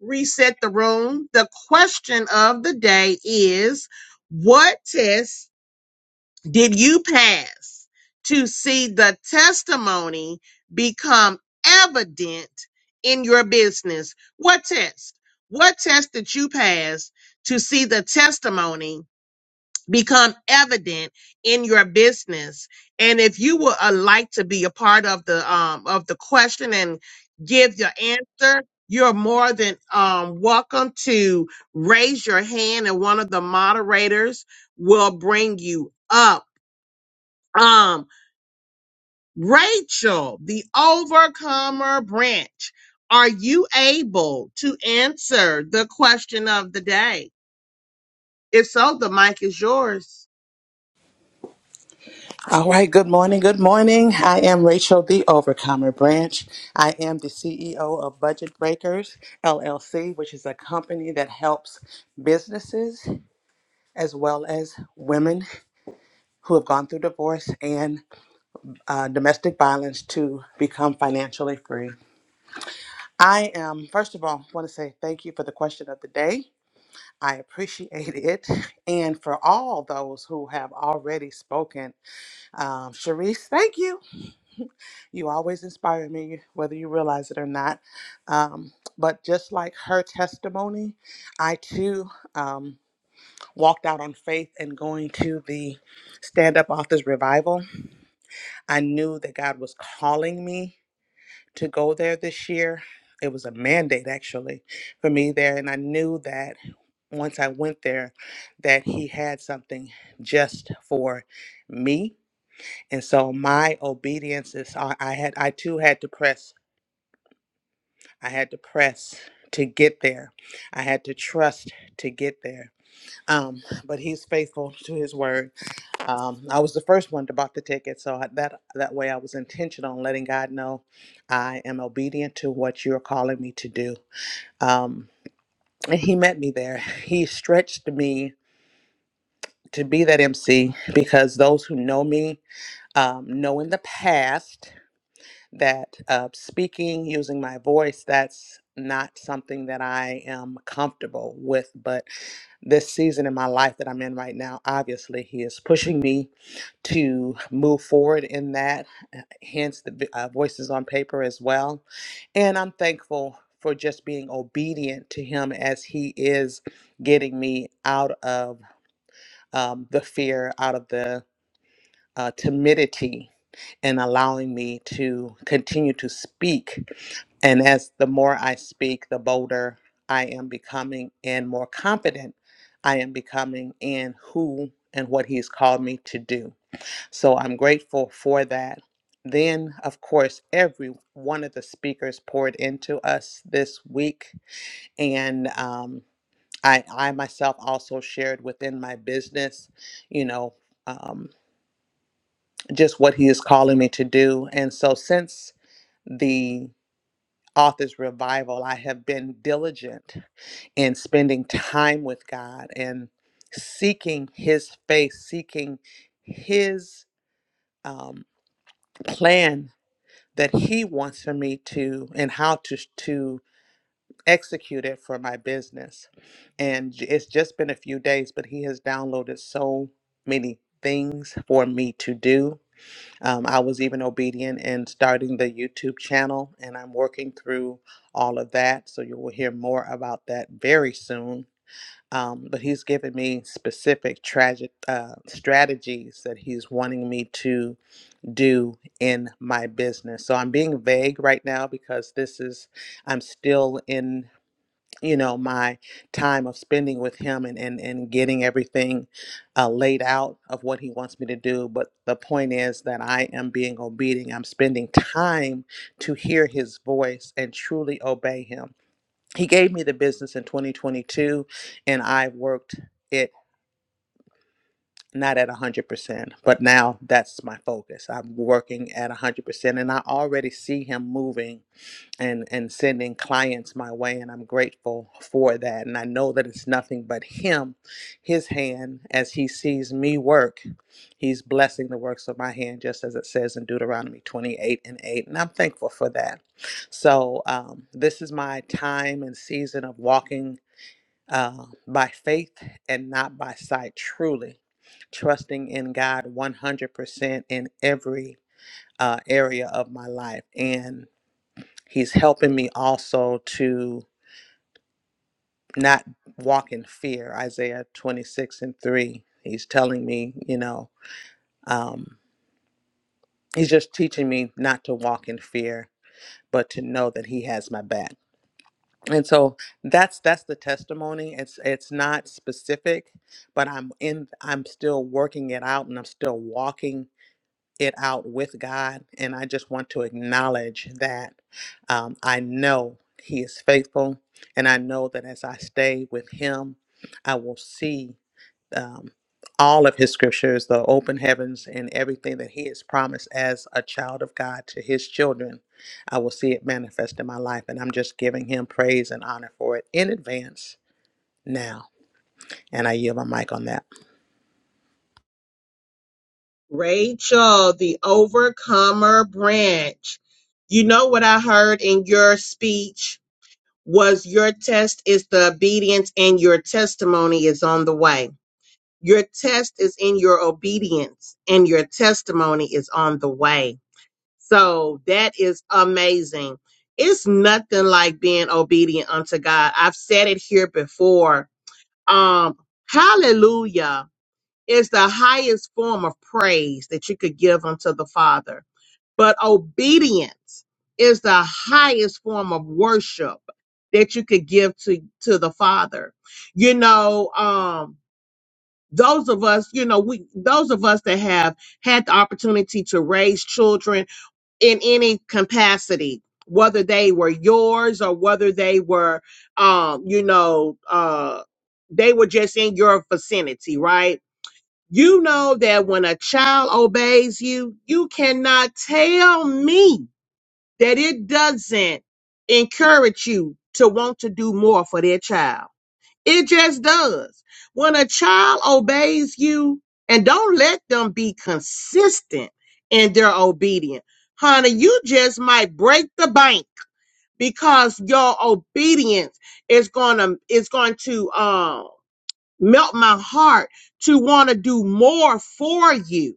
Speaker 5: reset the room. The question of the day is what test did you pass to see the testimony become evident in your business? What test? What test did you pass to see the testimony? become evident in your business. And if you would uh, like to be a part of the um, of the question and give your answer, you're more than um, welcome to raise your hand, and one of the moderators will bring you up. Um, Rachel, the overcomer branch, are you able to answer the question of the day? If so, the mic is yours.
Speaker 7: All right, good morning. Good morning. I am Rachel, the Overcomer Branch. I am the CEO of Budget Breakers LLC, which is a company that helps businesses as well as women who have gone through divorce and uh, domestic violence to become financially free. I am, first of all, want to say thank you for the question of the day. I appreciate it. And for all those who have already spoken, um, Sharice, thank you. You always inspire me, whether you realize it or not. Um, but just like her testimony, I too um, walked out on faith and going to the Stand Up Authors Revival. I knew that God was calling me to go there this year. It was a mandate actually for me there, and I knew that once I went there that he had something just for me. And so my obedience is I I had I too had to press I had to press to get there. I had to trust to get there. Um, but he's faithful to his word. Um, I was the first one to buy the ticket, so I, that that way I was intentional on letting God know I am obedient to what you're calling me to do. Um, and he met me there. He stretched me to be that MC because those who know me um, know in the past. that uh, speaking using my voice that's not something that i am comfortable with but this season in my life that i'm in right now obviously he is pushing me to move forward in that uh, hence the vi- uh, voices on paper as well and i'm thankful for just being obedient to him as he is getting me out of um, the fear out of the uh, timidity and allowing me to continue to speak and as the more I speak, the bolder I am becoming and more confident I am becoming in who and what He's called me to do. So I'm grateful for that. Then, of course, every one of the speakers poured into us this week. And um, I, I myself also shared within my business, you know, um, just what He is calling me to do. And so since the author's revival, I have been diligent and spending time with God and seeking His face, seeking His um, plan that He wants for me to and how to to execute it for my business. And j- it's just been a few days, but He has downloaded so many things for me to do. Um, I was even obedient in starting the YouTube channel, and I'm working through all of that. So you will hear more about that very soon um, but he's given me specific tragic uh, strategies that he's wanting me to do in my business. So I'm being vague right now because this is I'm still in you know my time of spending with him and and, and getting everything uh, laid out of what he wants me to do. But the point is that I am being obedient. I'm spending time to hear his voice and truly obey him he gave me the business in 2022 and i worked it not at 100% but now that's my focus i'm working at 100% and i already see him moving and and sending clients my way and i'm grateful for that and i know that it's nothing but him his hand as he sees me work he's blessing the works of my hand just as it says in deuteronomy 28 and 8 and i'm thankful for that so um, this is my time and season of walking uh, by faith and not by sight, truly trusting in God 100% in every uh, area of my life. And He's helping me also to not walk in fear. Isaiah 26 and 3, He's telling me, you know, um, He's just teaching me not to walk in fear, but to know that He has my back. and so that's that's the testimony it's it's not specific but i'm in i'm still working it out and i'm still walking it out with god and i just want to acknowledge that um, i know he is faithful and i know that as i stay with him i will see um, all of his scriptures, the open heavens, and everything that he has promised as a child of God to his children. I will see it manifest in my life, and I'm just giving him praise and honor for it in advance now. And I yield my mic on that.
Speaker 5: Rachel, the overcomer branch. You know what I heard in your speech was your test is the obedience and your testimony is on the way. Your test is in your obedience and your testimony is on the way. So that is amazing. It's nothing like being obedient unto God. I've said it here before. Um, hallelujah is the highest form of praise that you could give unto the Father. But obedience is the highest form of worship that you could give to, to the Father. You know, um, those of us, you know, we, those of us that have had the opportunity to raise children in any capacity, whether they were yours or whether they were, um, you know, uh, they were just in your vicinity, right? You know that when a child obeys you, you cannot tell me that it doesn't encourage you to want to do more for their child. It just does. When a child obeys you, and don't let them be consistent in their obedience. Honey, you just might break the bank because your obedience is gonna is going to um melt my heart to want to do more for you.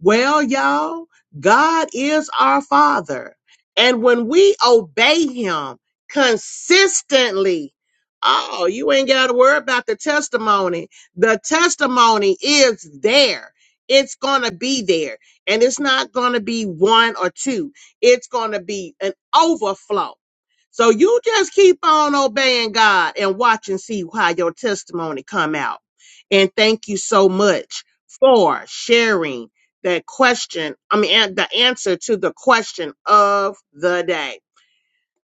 Speaker 5: Well, y'all, God is our Father. And when we obey Him consistently, oh, you ain't got to worry about the testimony. The testimony is there. It's going to be there. And it's not going to be one or two, it's going to be an overflow. So you just keep on obeying God and watch and see how your testimony come out. And thank you so much for sharing that question. I mean, an- the answer to the question of the day.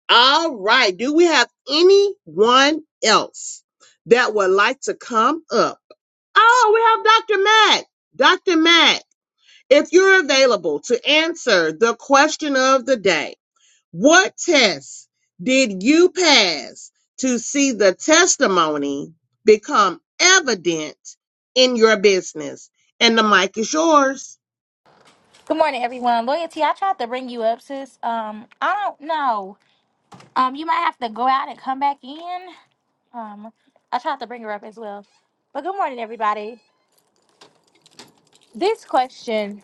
Speaker 5: All right. Do we have anyone else that would like to come up? Oh, we have Dr. Matt. Dr. Matt, if you're available to answer the question of the day, what tests did you pass to see the testimony become evident in your business? And the mic is yours.
Speaker 8: Good morning, everyone. Loyalty, I tried to bring you up, sis. Um, I don't know. Um, you might have to go out and come back in. Um, I tried to bring her up as well. But good morning, everybody. This question,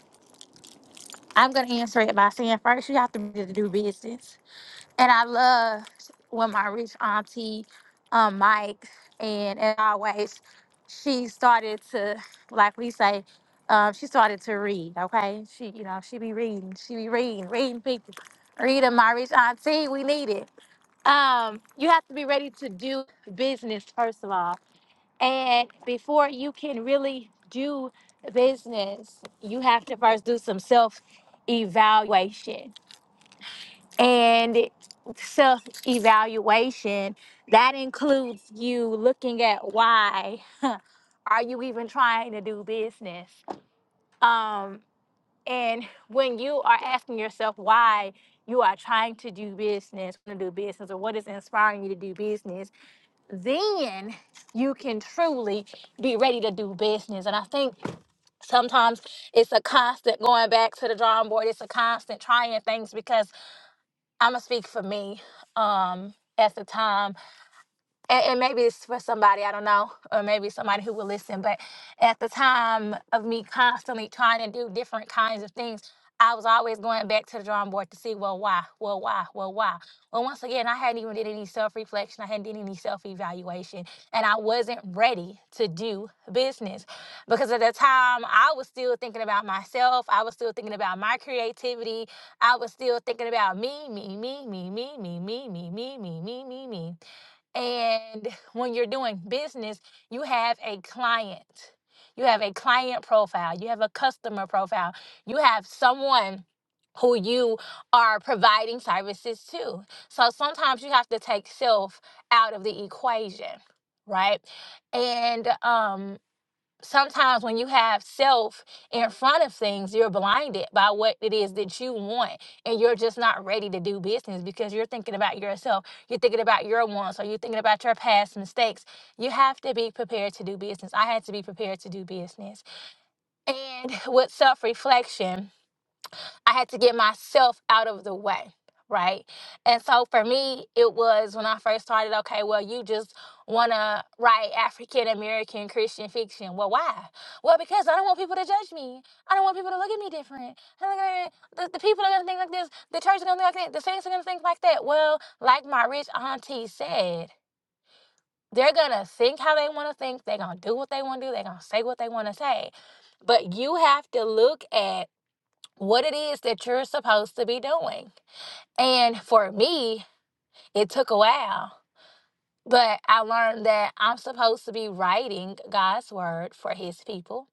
Speaker 8: I'm gonna answer it by saying first, you have to be to do business. And I love when my rich auntie, um, Mike, and as always, she started to, like we say, um, she started to read. Okay, she, you know, she be reading, she be reading, reading people, reading my rich auntie. We need it. Um, you have to be ready to do business first of all, and before you can really do business, you have to first do some self evaluation and self evaluation that includes you looking at why are you even trying to do business um and when you are asking yourself why you are trying to do business to do business or what is inspiring you to do business then you can truly be ready to do business and i think sometimes it's a constant going back to the drawing board it's a constant trying things because I'm gonna speak for me. Um, at the time, and, and maybe it's for somebody I don't know, or maybe somebody who will listen. But at the time of me constantly trying to do different kinds of things, I was always going back to the drawing board to see, well, why, well, why, well, why. Well, once again, I hadn't even did any self reflection. I hadn't did any self evaluation, and I wasn't ready to do business because at the time I was still thinking about myself. I was still thinking about my creativity. I was still thinking about me, me, me, me, me, me, me, me, me, me, me, me, me. And when you're doing business, you have a client. You have a client profile. You have a customer profile. You have someone who you are providing services to. So sometimes you have to take self out of the equation, right? And um sometimes when you have self in front of things, you're blinded by what it is that you want, and you're just not ready to do business because you're thinking about yourself, you're thinking about your wants, or you're thinking about your past mistakes. You have to be prepared to do business. I had to be prepared to do business. And with self reflection, I had to get myself out of the way, right? And so for me, it was when I first started, okay, well, you just want to write African American Christian fiction. Well, why? Well, because I don't want people to judge me. I don't want people to look at me different. I don't wanna- The, the people are going to think like this. The church is going to think like that. The saints are going to think like that. Well, like my rich auntie said, they're going to think how they want to think. They're going to do what they want to do. They're going to say what they want to say. But you have to look at what it is that you're supposed to be doing. And for me, it took a while but I learned that I'm supposed to be writing God's word for his people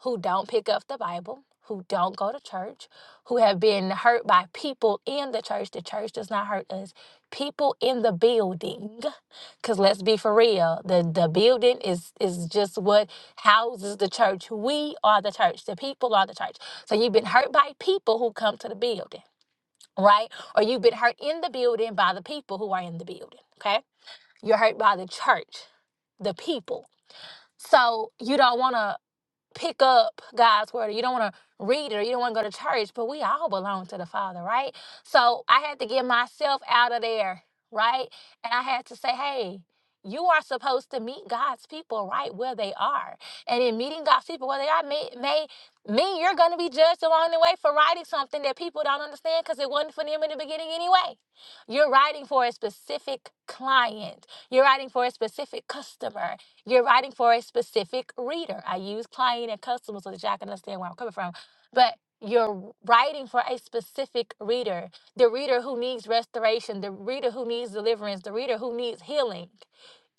Speaker 8: who don't pick up the Bible, who don't go to church, who have been hurt by people in the church. The church does not hurt us. People in the building. Cause let's be for real. The the building is is just what houses the church. We are the church. The people are the church. So you've been hurt by people who come to the building, right? Or you've been hurt in the building by the people who are in the building. Okay. You're hurt by the church, the people. So you don't want to pick up God's word or you don't want to read it or you don't want to go to church, but we all belong to the Father, right? So I had to get myself out of there, right? And I had to say, hey, you are supposed to meet God's people right where they are. And in meeting God's people where they are may, may mean you're going to be judged along the way for writing something that people don't understand because it wasn't for them in the beginning anyway. You're writing for a specific client, you're writing for a specific customer, you're writing for a specific reader. I use client and customer so that y'all can understand where I'm coming from. But you're writing for a specific reader the reader who needs restoration, the reader who needs deliverance, the reader who needs healing.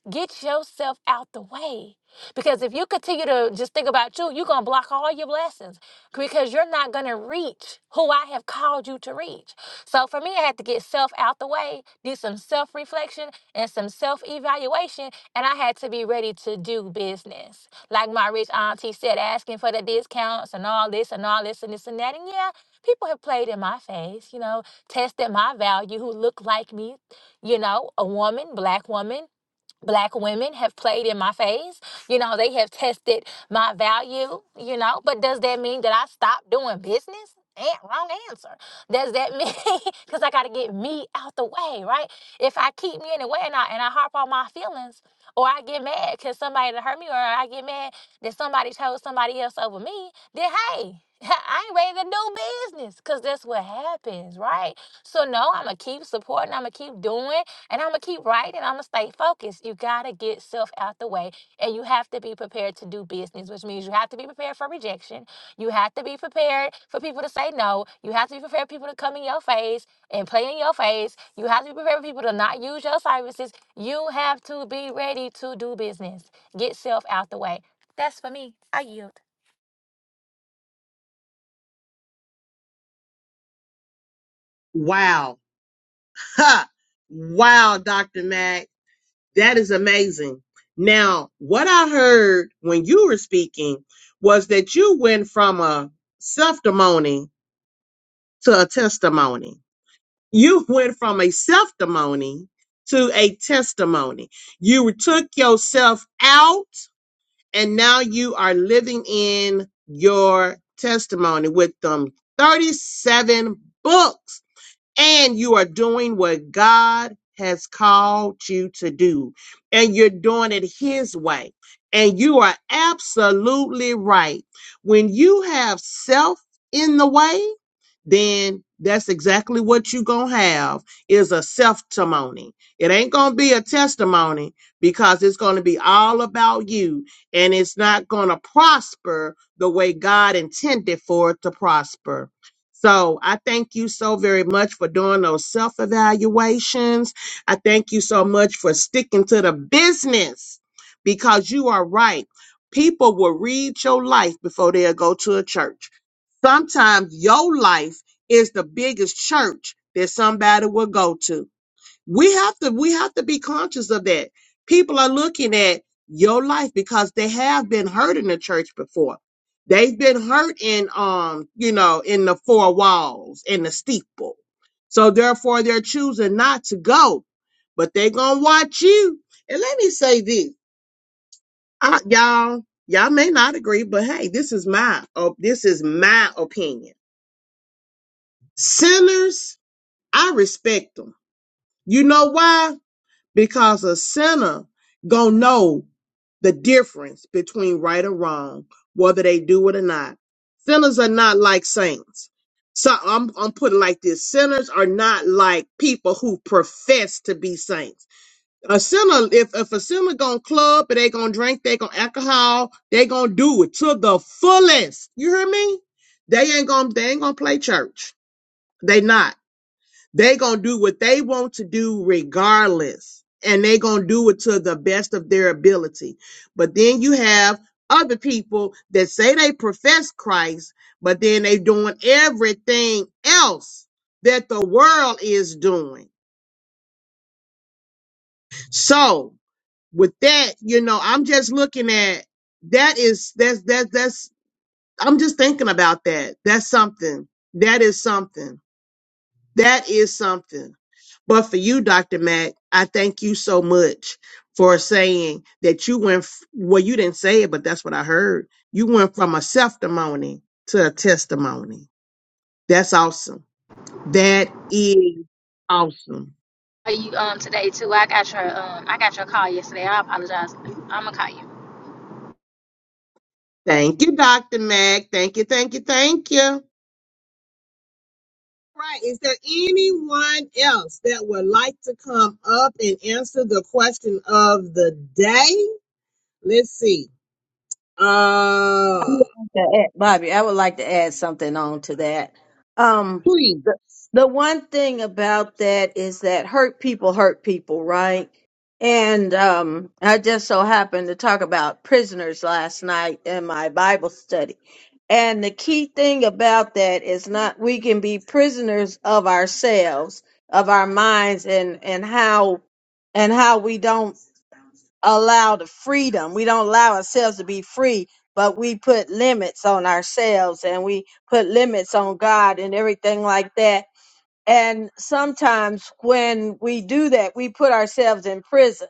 Speaker 8: Get yourself out the way. Because if you continue to just think about you, you're going to block all your blessings because you're not going to reach who I have called you to reach. So for me, I had to get self out the way, do some self reflection and some self evaluation, and I had to be ready to do business. Like my rich auntie said, asking for the discounts and all this and all this and this and that. And yeah, people have played in my face, you know, tested my value, who look like me, you know, a woman, black woman black women have played in my face. You know, they have tested my value, you know, but does that mean that I stopped doing business? Eh, wrong answer. Does that mean because I gotta get me out the way, right? If I keep me in the way and I and I harp on my feelings or I get mad because somebody that hurt me or I get mad that somebody chose somebody else over me, then hey, I ain't ready to do business because that's what happens, right? So no, I'ma keep supporting, I'ma keep doing. And I'm gonna keep writing. I'm gonna stay focused. You gotta get self out the way, and you have to be prepared to do business, which means you have to be prepared for rejection. You have to be prepared for people to say no. You have to be prepared for people to come in your face and play in your face. You have to be prepared for people to not use your services. You have to be ready to do business. Get self out the way. That's for me. I yield.
Speaker 5: Wow. Ha. Wow, Dr. Mack. That is amazing. Now, what I heard when you were speaking was that you went from a self-demony to a testimony. you went from a self-demony to a testimony. You took yourself out and now you are living in your testimony with them 37 books and you are doing what God has called you to do, and you're doing it His way. And you are absolutely right. When you have self in the way, then that's exactly what you're going to have is a self-testimony. It ain't going to be a testimony because it's going to be all about you and it's not going to prosper the way God intended for it to prosper. So I thank you so very much for doing those self evaluations. I thank you so much for sticking to the business because you are right. People will read your life before they'll go to a church. Sometimes your life is the biggest church that somebody will go to. We have to we have to be conscious of that. People are looking at your life because they have been hurt in the church before. They've been hurt in um, you know, in the four walls, in the steeple. So therefore they're choosing not to go. But they're gonna watch you. And let me say this. I, y'all, y'all may not agree, but hey, this is my oh, this is my opinion. Sinners, I respect them. You know why? because a sinner gonna know the difference between right or wrong, whether they do it or not. Sinners are not like saints. So I'm I'm putting it like this: sinners are not like people who profess to be saints. A sinner, if if a sinner gonna club, and they gonna drink, they gonna alcohol, they gonna do it to the fullest. You hear me? They ain't gonna they ain't gonna play church. They not they gonna do what they want to do regardless and they gonna do it to the best of their ability but then you have other people that say they profess christ but then they doing everything else that the world is doing so with that you know i'm just looking at that is that's that's that's i'm just thinking about that that's something that is something That is something. But for you, Dr. Mack, I thank you so much for saying that you went, f- well, you didn't say it, but that's what I heard. You went from a self-testimony to a testimony. That's awesome. That is awesome.
Speaker 8: Are you um today too? I got your um I got your call yesterday. I apologize. I'm gonna call you,
Speaker 5: Thank you, Dr. Mack. Thank you, thank you, thank you. Right. Is there anyone else that would like to come up and answer the question of the day? Let's see.
Speaker 2: I
Speaker 5: Uh,
Speaker 2: would like to add- Bobby, I would like to add something on to that. Um,
Speaker 5: please.
Speaker 2: the, the one thing about that is that hurt people hurt people, right? And um, I just so happened to talk about prisoners last night in my Bible study And the key thing about that is not we can be prisoners of ourselves, of our minds and and how and how we don't allow the freedom. We don't allow ourselves to be free, but we put limits on ourselves and we put limits on God and everything like that and sometimes when we do that, we put ourselves in prisons.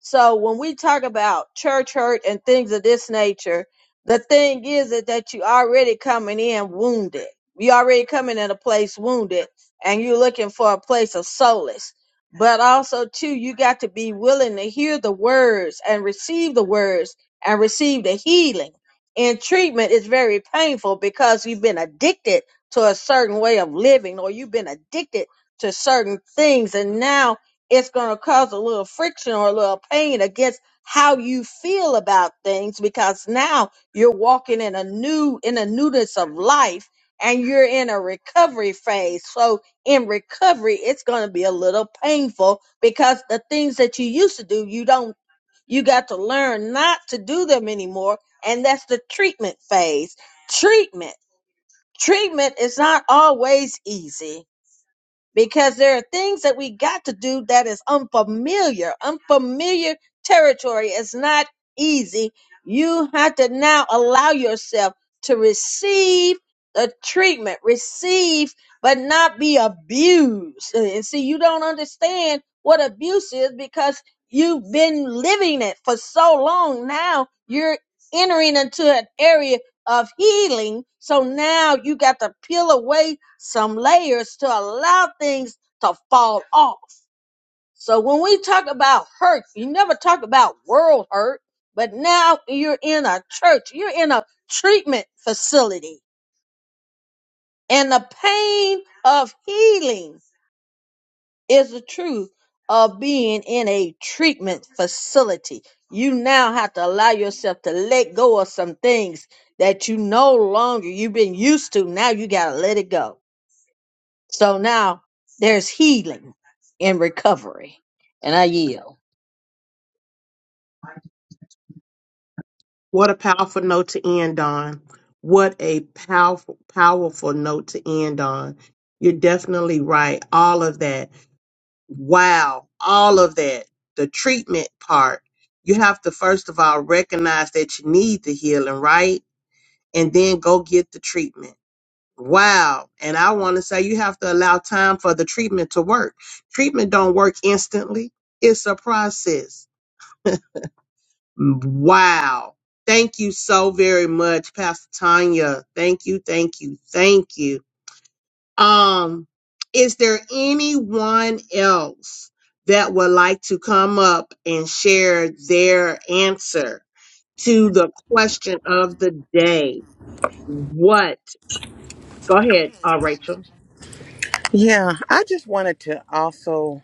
Speaker 2: So when we talk about church hurt and things of this nature, the thing is that, that you already coming in wounded. You already coming in a place wounded and you're looking for a place of solace. But also too, you got to be willing to hear the words and receive the words and receive the healing. And treatment is very painful because you've been addicted to a certain way of living or you've been addicted to certain things and now it's going to cause a little friction or a little pain against how you feel about things because now you're walking in a new in a newness of life and you're in a recovery phase so in recovery it's going to be a little painful because the things that you used to do you don't you got to learn not to do them anymore and that's the treatment phase treatment treatment is not always easy because there are things that we got to do that is unfamiliar. Unfamiliar territory is not easy. You have to now allow yourself to receive the treatment, receive, but not be abused. And see, you don't understand what abuse is because you've been living it for so long. Now you're entering into an area of healing. So now you got to peel away some layers to allow things to fall off. So when we talk about hurt, you never talk about world hurt, but now you're in a church, you're in a treatment facility, and the pain of healing is the truth of being in a treatment facility. You now have to allow yourself to let go of some things that you no longer you've been used to. Now you gotta let it go. So now there's healing in recovery. And I yield.
Speaker 5: What a powerful note to end on. What a powerful, powerful note to end on. You're definitely right. All of that. Wow. All of that. The treatment part. You have to, first of all, recognize that you need the healing, right? And then go get the treatment. Wow. And I want to say you have to allow time for the treatment to work. Treatment don't work instantly. It's a process Wow. Thank you so very much, Pastor Tanya. Thank you, thank you, thank you. Um, is there anyone else that would like to come up and share their answer to the question of the day? What? Go ahead, uh, Rachel.
Speaker 7: Yeah, I just wanted to also.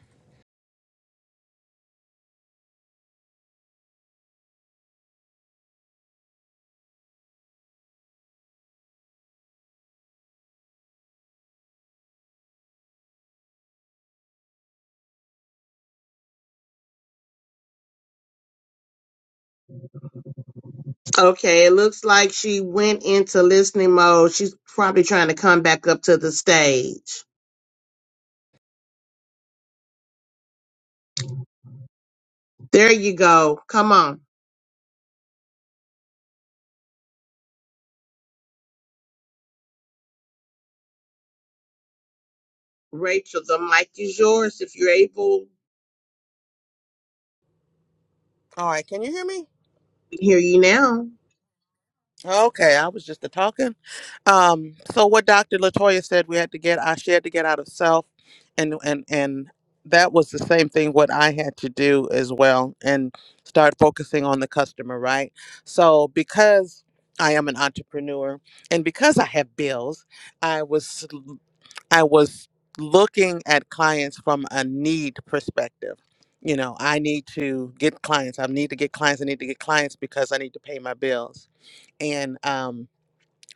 Speaker 5: Okay, it looks like she went into listening mode. She's probably trying to come back up to the stage. There you go. Come on. Rachel, the mic is yours if you're able.
Speaker 7: All right, can you hear me?
Speaker 5: We can hear you now.
Speaker 7: Okay, I was just a talking. Um, so what Dr. Latoya said we had to get, I she had to get out of self, and and and that was the same thing what I had to do as well, and start focusing on the customer, right? So because I am an entrepreneur, and because I have bills, I was l- I was looking at clients from a need perspective. You know, I need to get clients. I need to get clients. I need to get clients because I need to pay my bills and um,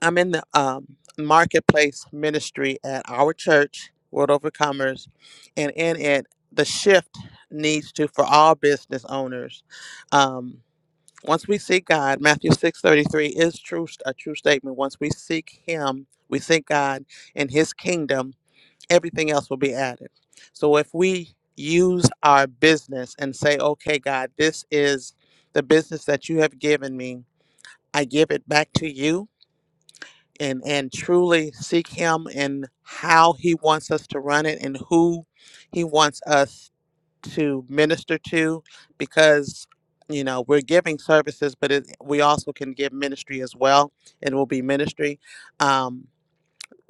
Speaker 7: I'm in the um, marketplace ministry at our church, World Overcomers, and in it, the shift needs to for all business owners. Um, once we seek God, Matthew six thirty three is true a true statement. Once we seek Him, we seek God and His kingdom. Everything else will be added. So if we use our business and say, "Okay, God, this is the business that you have given me. I give it back to you." and and truly seek him and how he wants us to run it and who he wants us to minister to because you know we're giving services but it, we also can give ministry as well and will be ministry um,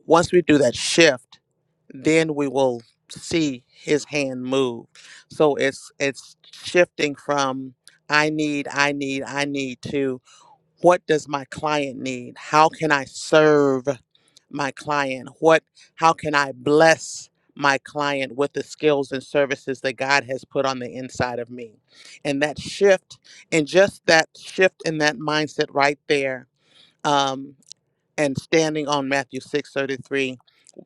Speaker 7: once we do that shift then we will see his hand move so it's it's shifting from i need i need i need to what does my client need how can i serve my client what how can i bless my client with the skills and services that god has put on the inside of me and that shift and just that shift in that mindset right there um, and standing on matthew 6:33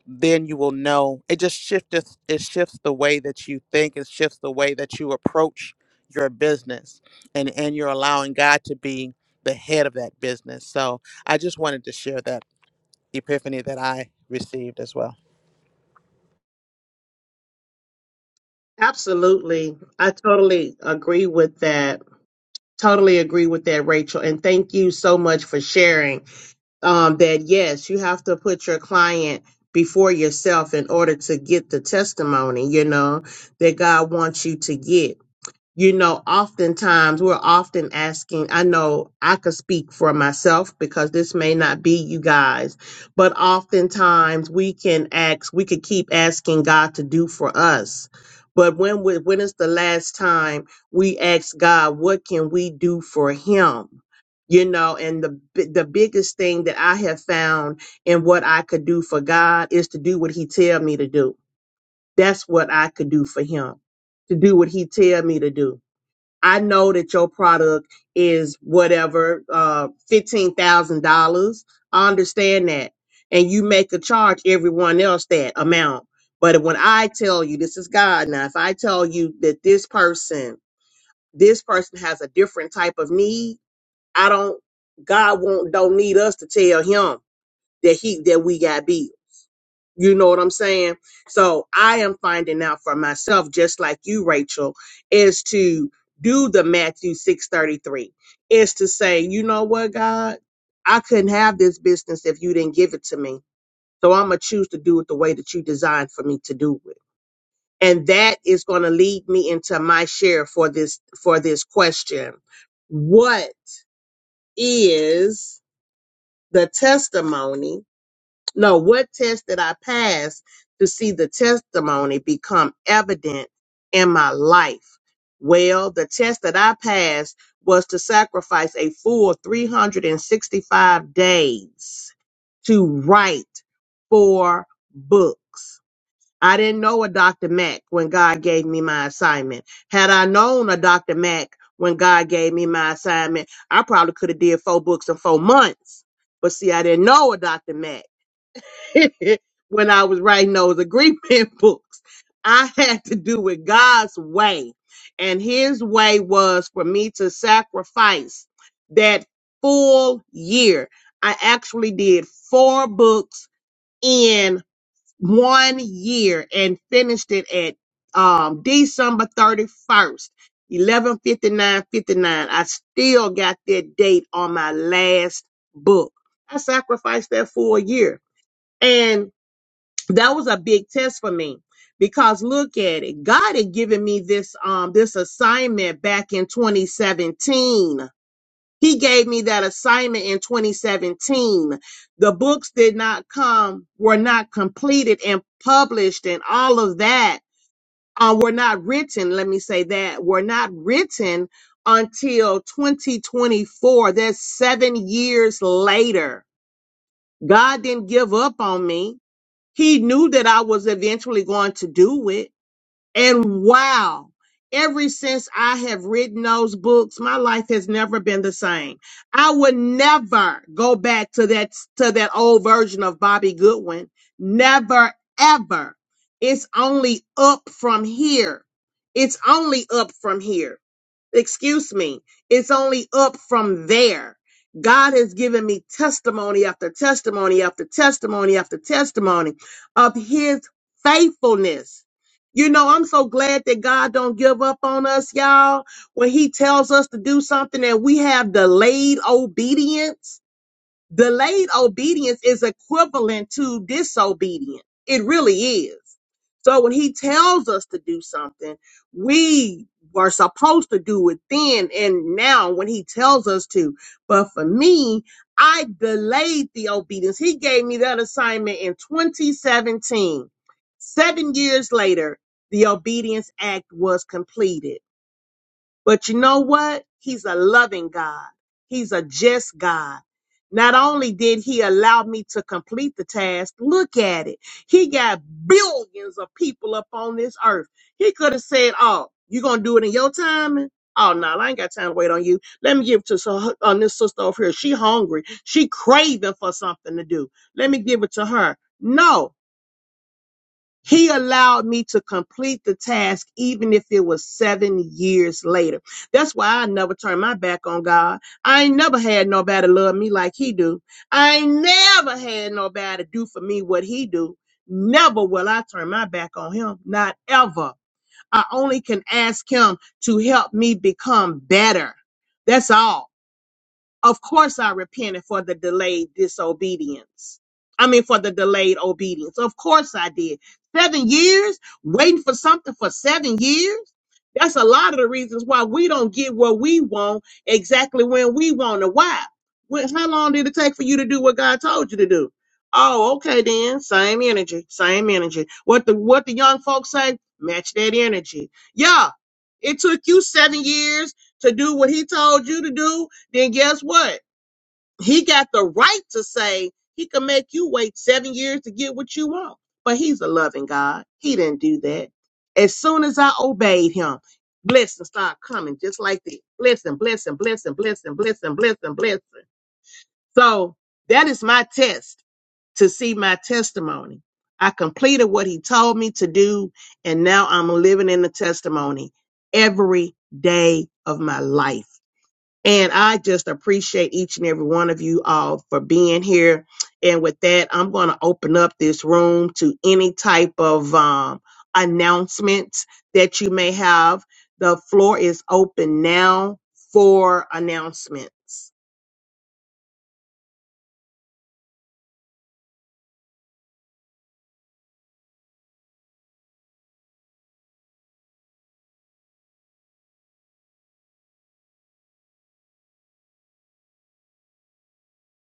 Speaker 7: then you will know it just shifts it shifts the way that you think it shifts the way that you approach your business and and you're allowing god to be the head of that business so i just wanted to share that epiphany that i received as well
Speaker 5: Absolutely. I totally agree with that. Totally agree with that, Rachel. And thank you so much for sharing um, that. Yes, you have to put your client before yourself in order to get the testimony, you know, that God wants you to get. you know, oftentimes we're often asking, I know I could speak for myself because this may not be you guys, but oftentimes we can ask, we could keep asking God to do for us. But when we, when is the last time we ask God, what can we do for him? You know, and the bi- the biggest thing that I have found in what I could do for God is to do what he tell me to do. That's what I could do for him. To do what he tell me to do I know that your product is whatever, uh, $15,000. I understand that. And you make a charge everyone else that amount. But when I tell you, this is God now, if I tell you that this person, this person has a different type of need, I don't, God won't, don't need us to tell him that he, that we got beat you know what I'm saying? So I am finding out for myself, just like you, Rachel, is to do the Matthew 633, is to say, you know what, God, I couldn't have this business if you didn't give it to me. So I'm going to choose to do it the way that you designed for me to do it. And that is going to lead me into my share for this, for this question. What is the testimony no, what test did I pass to see the testimony become evident in my life? Well, the test that I passed was to sacrifice a full 365 days to write four books. I didn't know a Dr. Mack when God gave me my assignment. Had I known a Dr. Mack when God gave me my assignment, I probably could have did four books in four months. But see, I didn't know a Dr. Mack. when I was writing those agreement books. I had to do it God's way. And his way was for me to sacrifice that full year. I actually did four books in one year and finished it at um, December 31st. 115959 i still got that date on my last book i sacrificed that full year and that was a big test for me because look at it god had given me this um this assignment back in 2017 he gave me that assignment in 2017 the books did not come were not completed and published and all of that uh, were not written let me say that were not written until 2024 that's seven years later god didn't give up on me he knew that I was eventually going to do it. And wow, ever since I have written those books, my life has never been the same. I would never go back to that to that old version of Bobby Goodwin. Never ever. It's only up from here. It's only up from here. Excuse me. It's only up from there. God has given me testimony after testimony after testimony after testimony of his faithfulness you know, I'm so glad that God don't give up on us, y'all. When He tells us to do something and we have delayed obedience, Delayed obedience is equivalent to disobedience. It really is. So when he tells us to do something, we are supposed to do it then and now when he tells us to. But for me, I delayed the obedience. He gave me that assignment in 2017. Seven years later, the Obedience Act was completed. But you know what? He's a loving God. He's a just God. Not only did he allow me to complete the task, look at it. He got billions of people up on this earth. He could have said, Oh, you going to do it in your timing." Oh, no, I ain't got time to wait on you. Let me give it to so- on this sister over here. She hungry. She craving for something to do. Let me give it to her. No, he allowed me to complete the task, even if it was seven years later. That's why I never turned my back on God. I ain't never had nobody love me like He do. I ain't never had nobody do for me what He do. Never will I turn my back on Him. Not ever. I only can ask Him to help me become better. That's all. Of course, I repented for the delayed disobedience. I mean, for the delayed obedience. Of course, I did. Seven years waiting for something for seven years. That's a lot of the reasons why we don't get what we want exactly when we want it. Why? When, how long did it take for you to do what God told you to do? Oh, okay then. Same energy, same energy. What the what the young folks say? Match that energy. Yeah, it took you seven years to do what He told you to do then guess what? He got the right to say he can make you wait seven years to get what you want. But he's a loving God. He didn't do that. As soon as I obeyed him, blessings start coming just like this. Blessing, blessing, blessing, blessing, blessing, blessing, blessing. So that is my test to see my testimony. I completed what he told me to do, and now I'm living in the testimony every day of my life. And I just appreciate each and every one of you all for being here. And with that, I'm going to open up this room to any type of um, announcements that you may have. The floor is open now for announcements.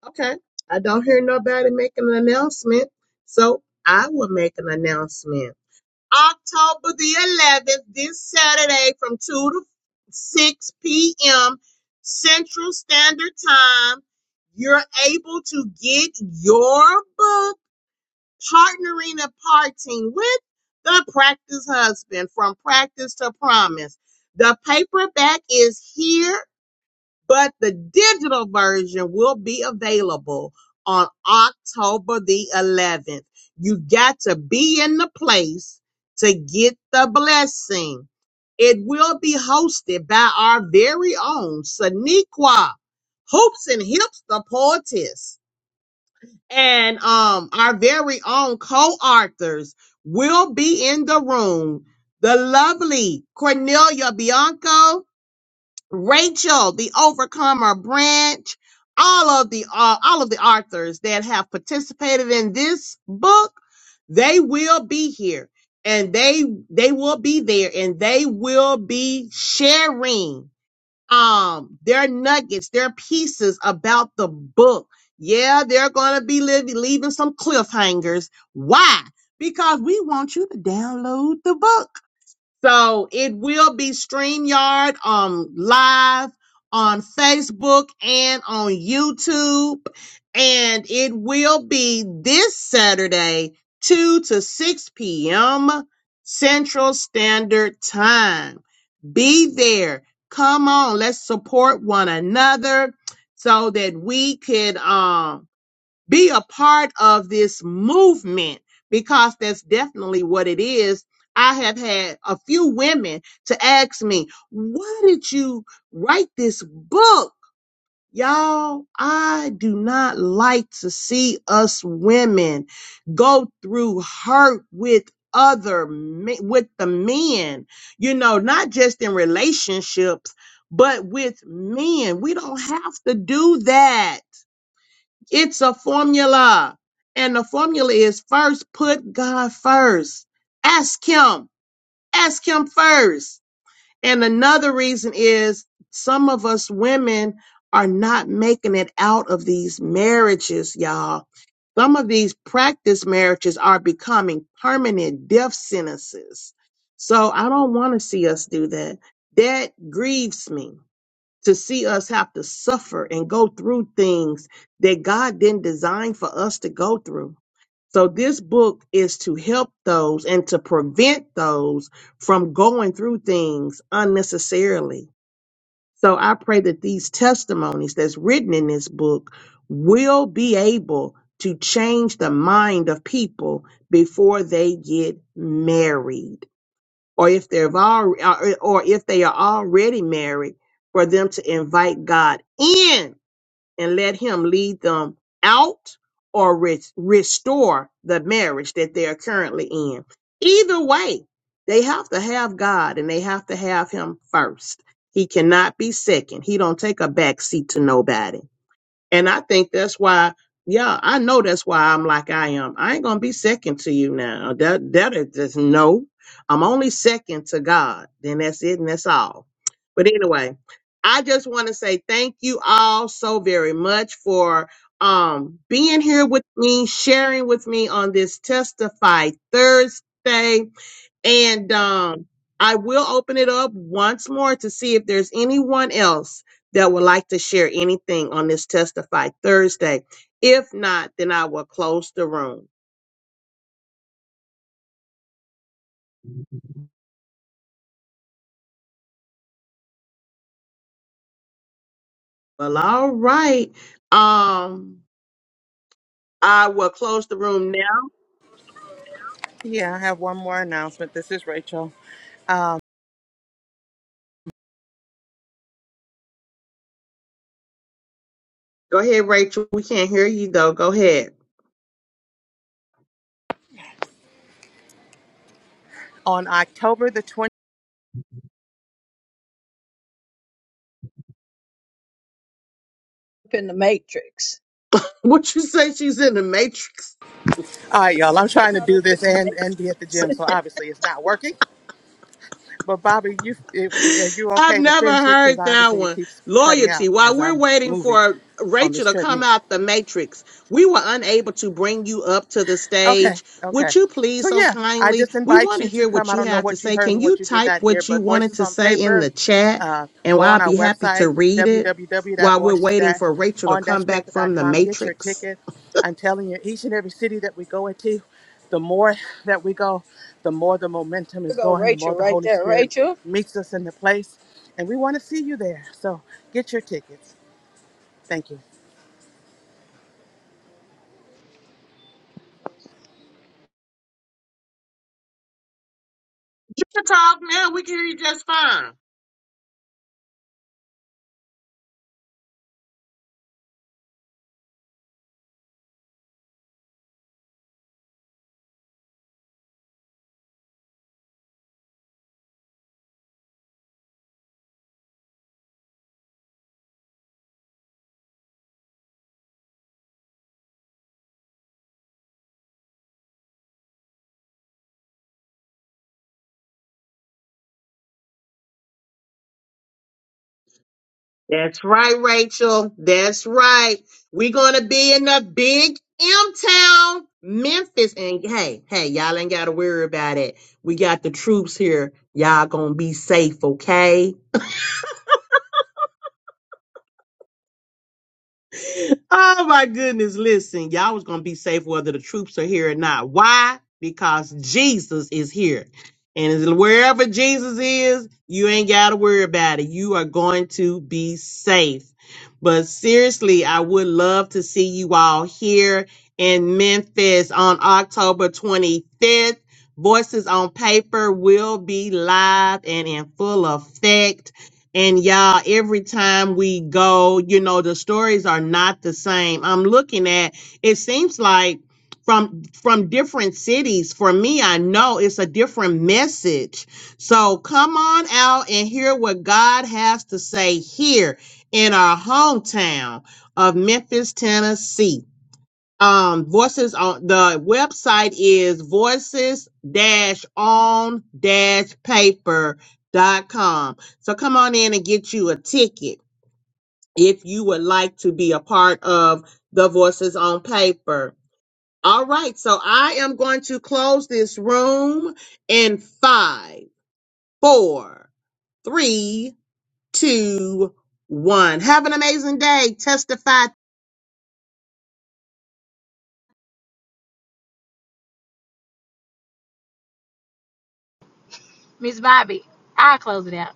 Speaker 5: Okay. I don't hear nobody making an announcement, so I will make an announcement. October the 11th, this Saturday from 2 to 6 p.m. Central Standard Time, you're able to get your book, Partnering and Parting with the Practice Husband from Practice to Promise. The paperback is here but the digital version will be available on October the 11th. You got to be in the place to get the blessing. It will be hosted by our very own Saniqua Hoops and Hips, the poetess, and um, our very own co-authors will be in the room. The lovely Cornelia Bianco, Rachel, the Overcomer branch, all of the uh, all of the authors that have participated in this book, they will be here and they they will be there and they will be sharing um their nuggets, their pieces about the book. Yeah, they're going to be leaving, leaving some cliffhangers. Why? Because we want you to download the book. So it will be StreamYard um live on Facebook and on YouTube. And it will be this Saturday, 2 to 6 p.m. Central Standard Time. Be there. Come on, let's support one another so that we could um be a part of this movement because that's definitely what it is. I have had a few women to ask me, why did you write this book? Y'all, I do not like to see us women go through hurt with other men, with the men, you know, not just in relationships, but with men. We don't have to do that it's a formula. And the formula is first put God first. Ask Him. Ask Him first. And another reason is some of us women are not making it out of these marriages, y'all. Some of these practice marriages are becoming permanent death sentences. So I don't want to see us do that. That grieves me to see us have to suffer and go through things that God didn't design for us to go through. So this book is to help those and to prevent those from going through things unnecessarily. So I pray that these testimonies that's written in this book will be able to change the mind of people before they get married or if they've all, or or if they are already married, for them to invite God in and let Him lead them out or re- restore the marriage that they are currently in. Either way, they have to have God and they have to have Him first. He cannot be second. He don't take a back seat to nobody. And I think that's why, yeah, I know that's why I'm like I am. I ain't gonna be second to you now. That that is just no. I'm only second to God. Then that's it and that's all. But anyway, I just want to say thank you all so very much for um being here with me, sharing with me on this Testify Thursday. And um, I will open it up once more to see if there's anyone else that would like to share anything on this Testify Thursday. If not, then I will close the room. Well, all right. Um, I will close the room now.
Speaker 7: yeah i have one more announcement this is rachel um,
Speaker 5: Go ahead, Rachel. We can't hear you though. Go ahead.
Speaker 7: on october the 20th
Speaker 2: Up in the matrix.
Speaker 5: What you say? She's in the matrix.
Speaker 7: all right y'all i'm trying to
Speaker 2: Caught
Speaker 7: do
Speaker 2: up in
Speaker 7: this
Speaker 2: the
Speaker 7: and
Speaker 2: matrix.
Speaker 7: and be at the gym so obviously it's not working But Bobby, you it, are you
Speaker 5: I've
Speaker 7: okay to
Speaker 5: never
Speaker 7: finish it? Because
Speaker 5: heard that
Speaker 7: obviously it
Speaker 5: one.
Speaker 7: keeps cutting out
Speaker 5: Loyalty. While
Speaker 7: as
Speaker 5: we're
Speaker 7: I'm
Speaker 5: waiting
Speaker 7: moving
Speaker 5: for
Speaker 7: on
Speaker 5: Rachel
Speaker 7: this
Speaker 5: to come
Speaker 7: treadmill.
Speaker 5: out the matrix, we were unable to bring you up to the
Speaker 7: Okay,
Speaker 5: stage.
Speaker 7: okay.
Speaker 5: Would you
Speaker 7: So
Speaker 5: please so
Speaker 7: yeah, I
Speaker 5: kindly?
Speaker 7: just
Speaker 5: We
Speaker 7: invite
Speaker 5: want to
Speaker 7: you to
Speaker 5: hear
Speaker 7: come.
Speaker 5: what
Speaker 7: I
Speaker 5: you
Speaker 7: don't know
Speaker 5: have to
Speaker 7: what you
Speaker 5: say.
Speaker 7: heard
Speaker 5: Can
Speaker 7: and
Speaker 5: you
Speaker 7: what you did
Speaker 5: type
Speaker 7: not hear,
Speaker 5: what you
Speaker 7: but
Speaker 5: wanted
Speaker 7: Voices
Speaker 5: to
Speaker 7: on
Speaker 5: say in
Speaker 7: Paper
Speaker 5: the chat?
Speaker 7: Uh,
Speaker 5: And
Speaker 7: go on
Speaker 5: I'll
Speaker 7: our
Speaker 5: be happy to
Speaker 7: website,
Speaker 5: read it while we're waiting for Rachel to come back from the
Speaker 7: www.voices-on-paper.com. Get your
Speaker 5: matrix.
Speaker 7: ticket. I'm telling you, each and every city that we go into, the more that we go, the more the momentum
Speaker 2: There
Speaker 7: is
Speaker 2: go
Speaker 7: going, the
Speaker 2: Rachel
Speaker 7: more the
Speaker 2: right
Speaker 7: Holy
Speaker 2: there.
Speaker 7: Spirit
Speaker 2: Rachel.
Speaker 7: meets us in the place. And we want to see you there. So get your tickets. Thank you.
Speaker 5: You can talk now. We can hear you just fine. That's right, Rachel. That's right. We're gonna be in the big M town, Memphis. And hey, hey, y'all ain't gotta worry about it. We got the troops here. Y'all gonna be safe, okay? Oh my goodness. Listen, y'all was gonna be safe whether the troops are here or not. Why? Because Jesus is here. And wherever Jesus is, you ain't gotta worry about it. You are going to be safe. But seriously, I would love to see you all here in Memphis on October 25th. Voices on Paper will be live and in full effect and y'all, every time we go, you know, the stories are not the same. I'm looking at it seems like from from different cities. For me, I know it's a different message. So come on out and hear what God has to say here in our hometown of Memphis, Tennessee um voices on the website is voices dash on dash paper dot com so come on in and get you a ticket if you would like to be a part of the voices on paper all right so i am going to close this room in five four three two one have an amazing day testify
Speaker 8: Miss Bobby. I'll close it out.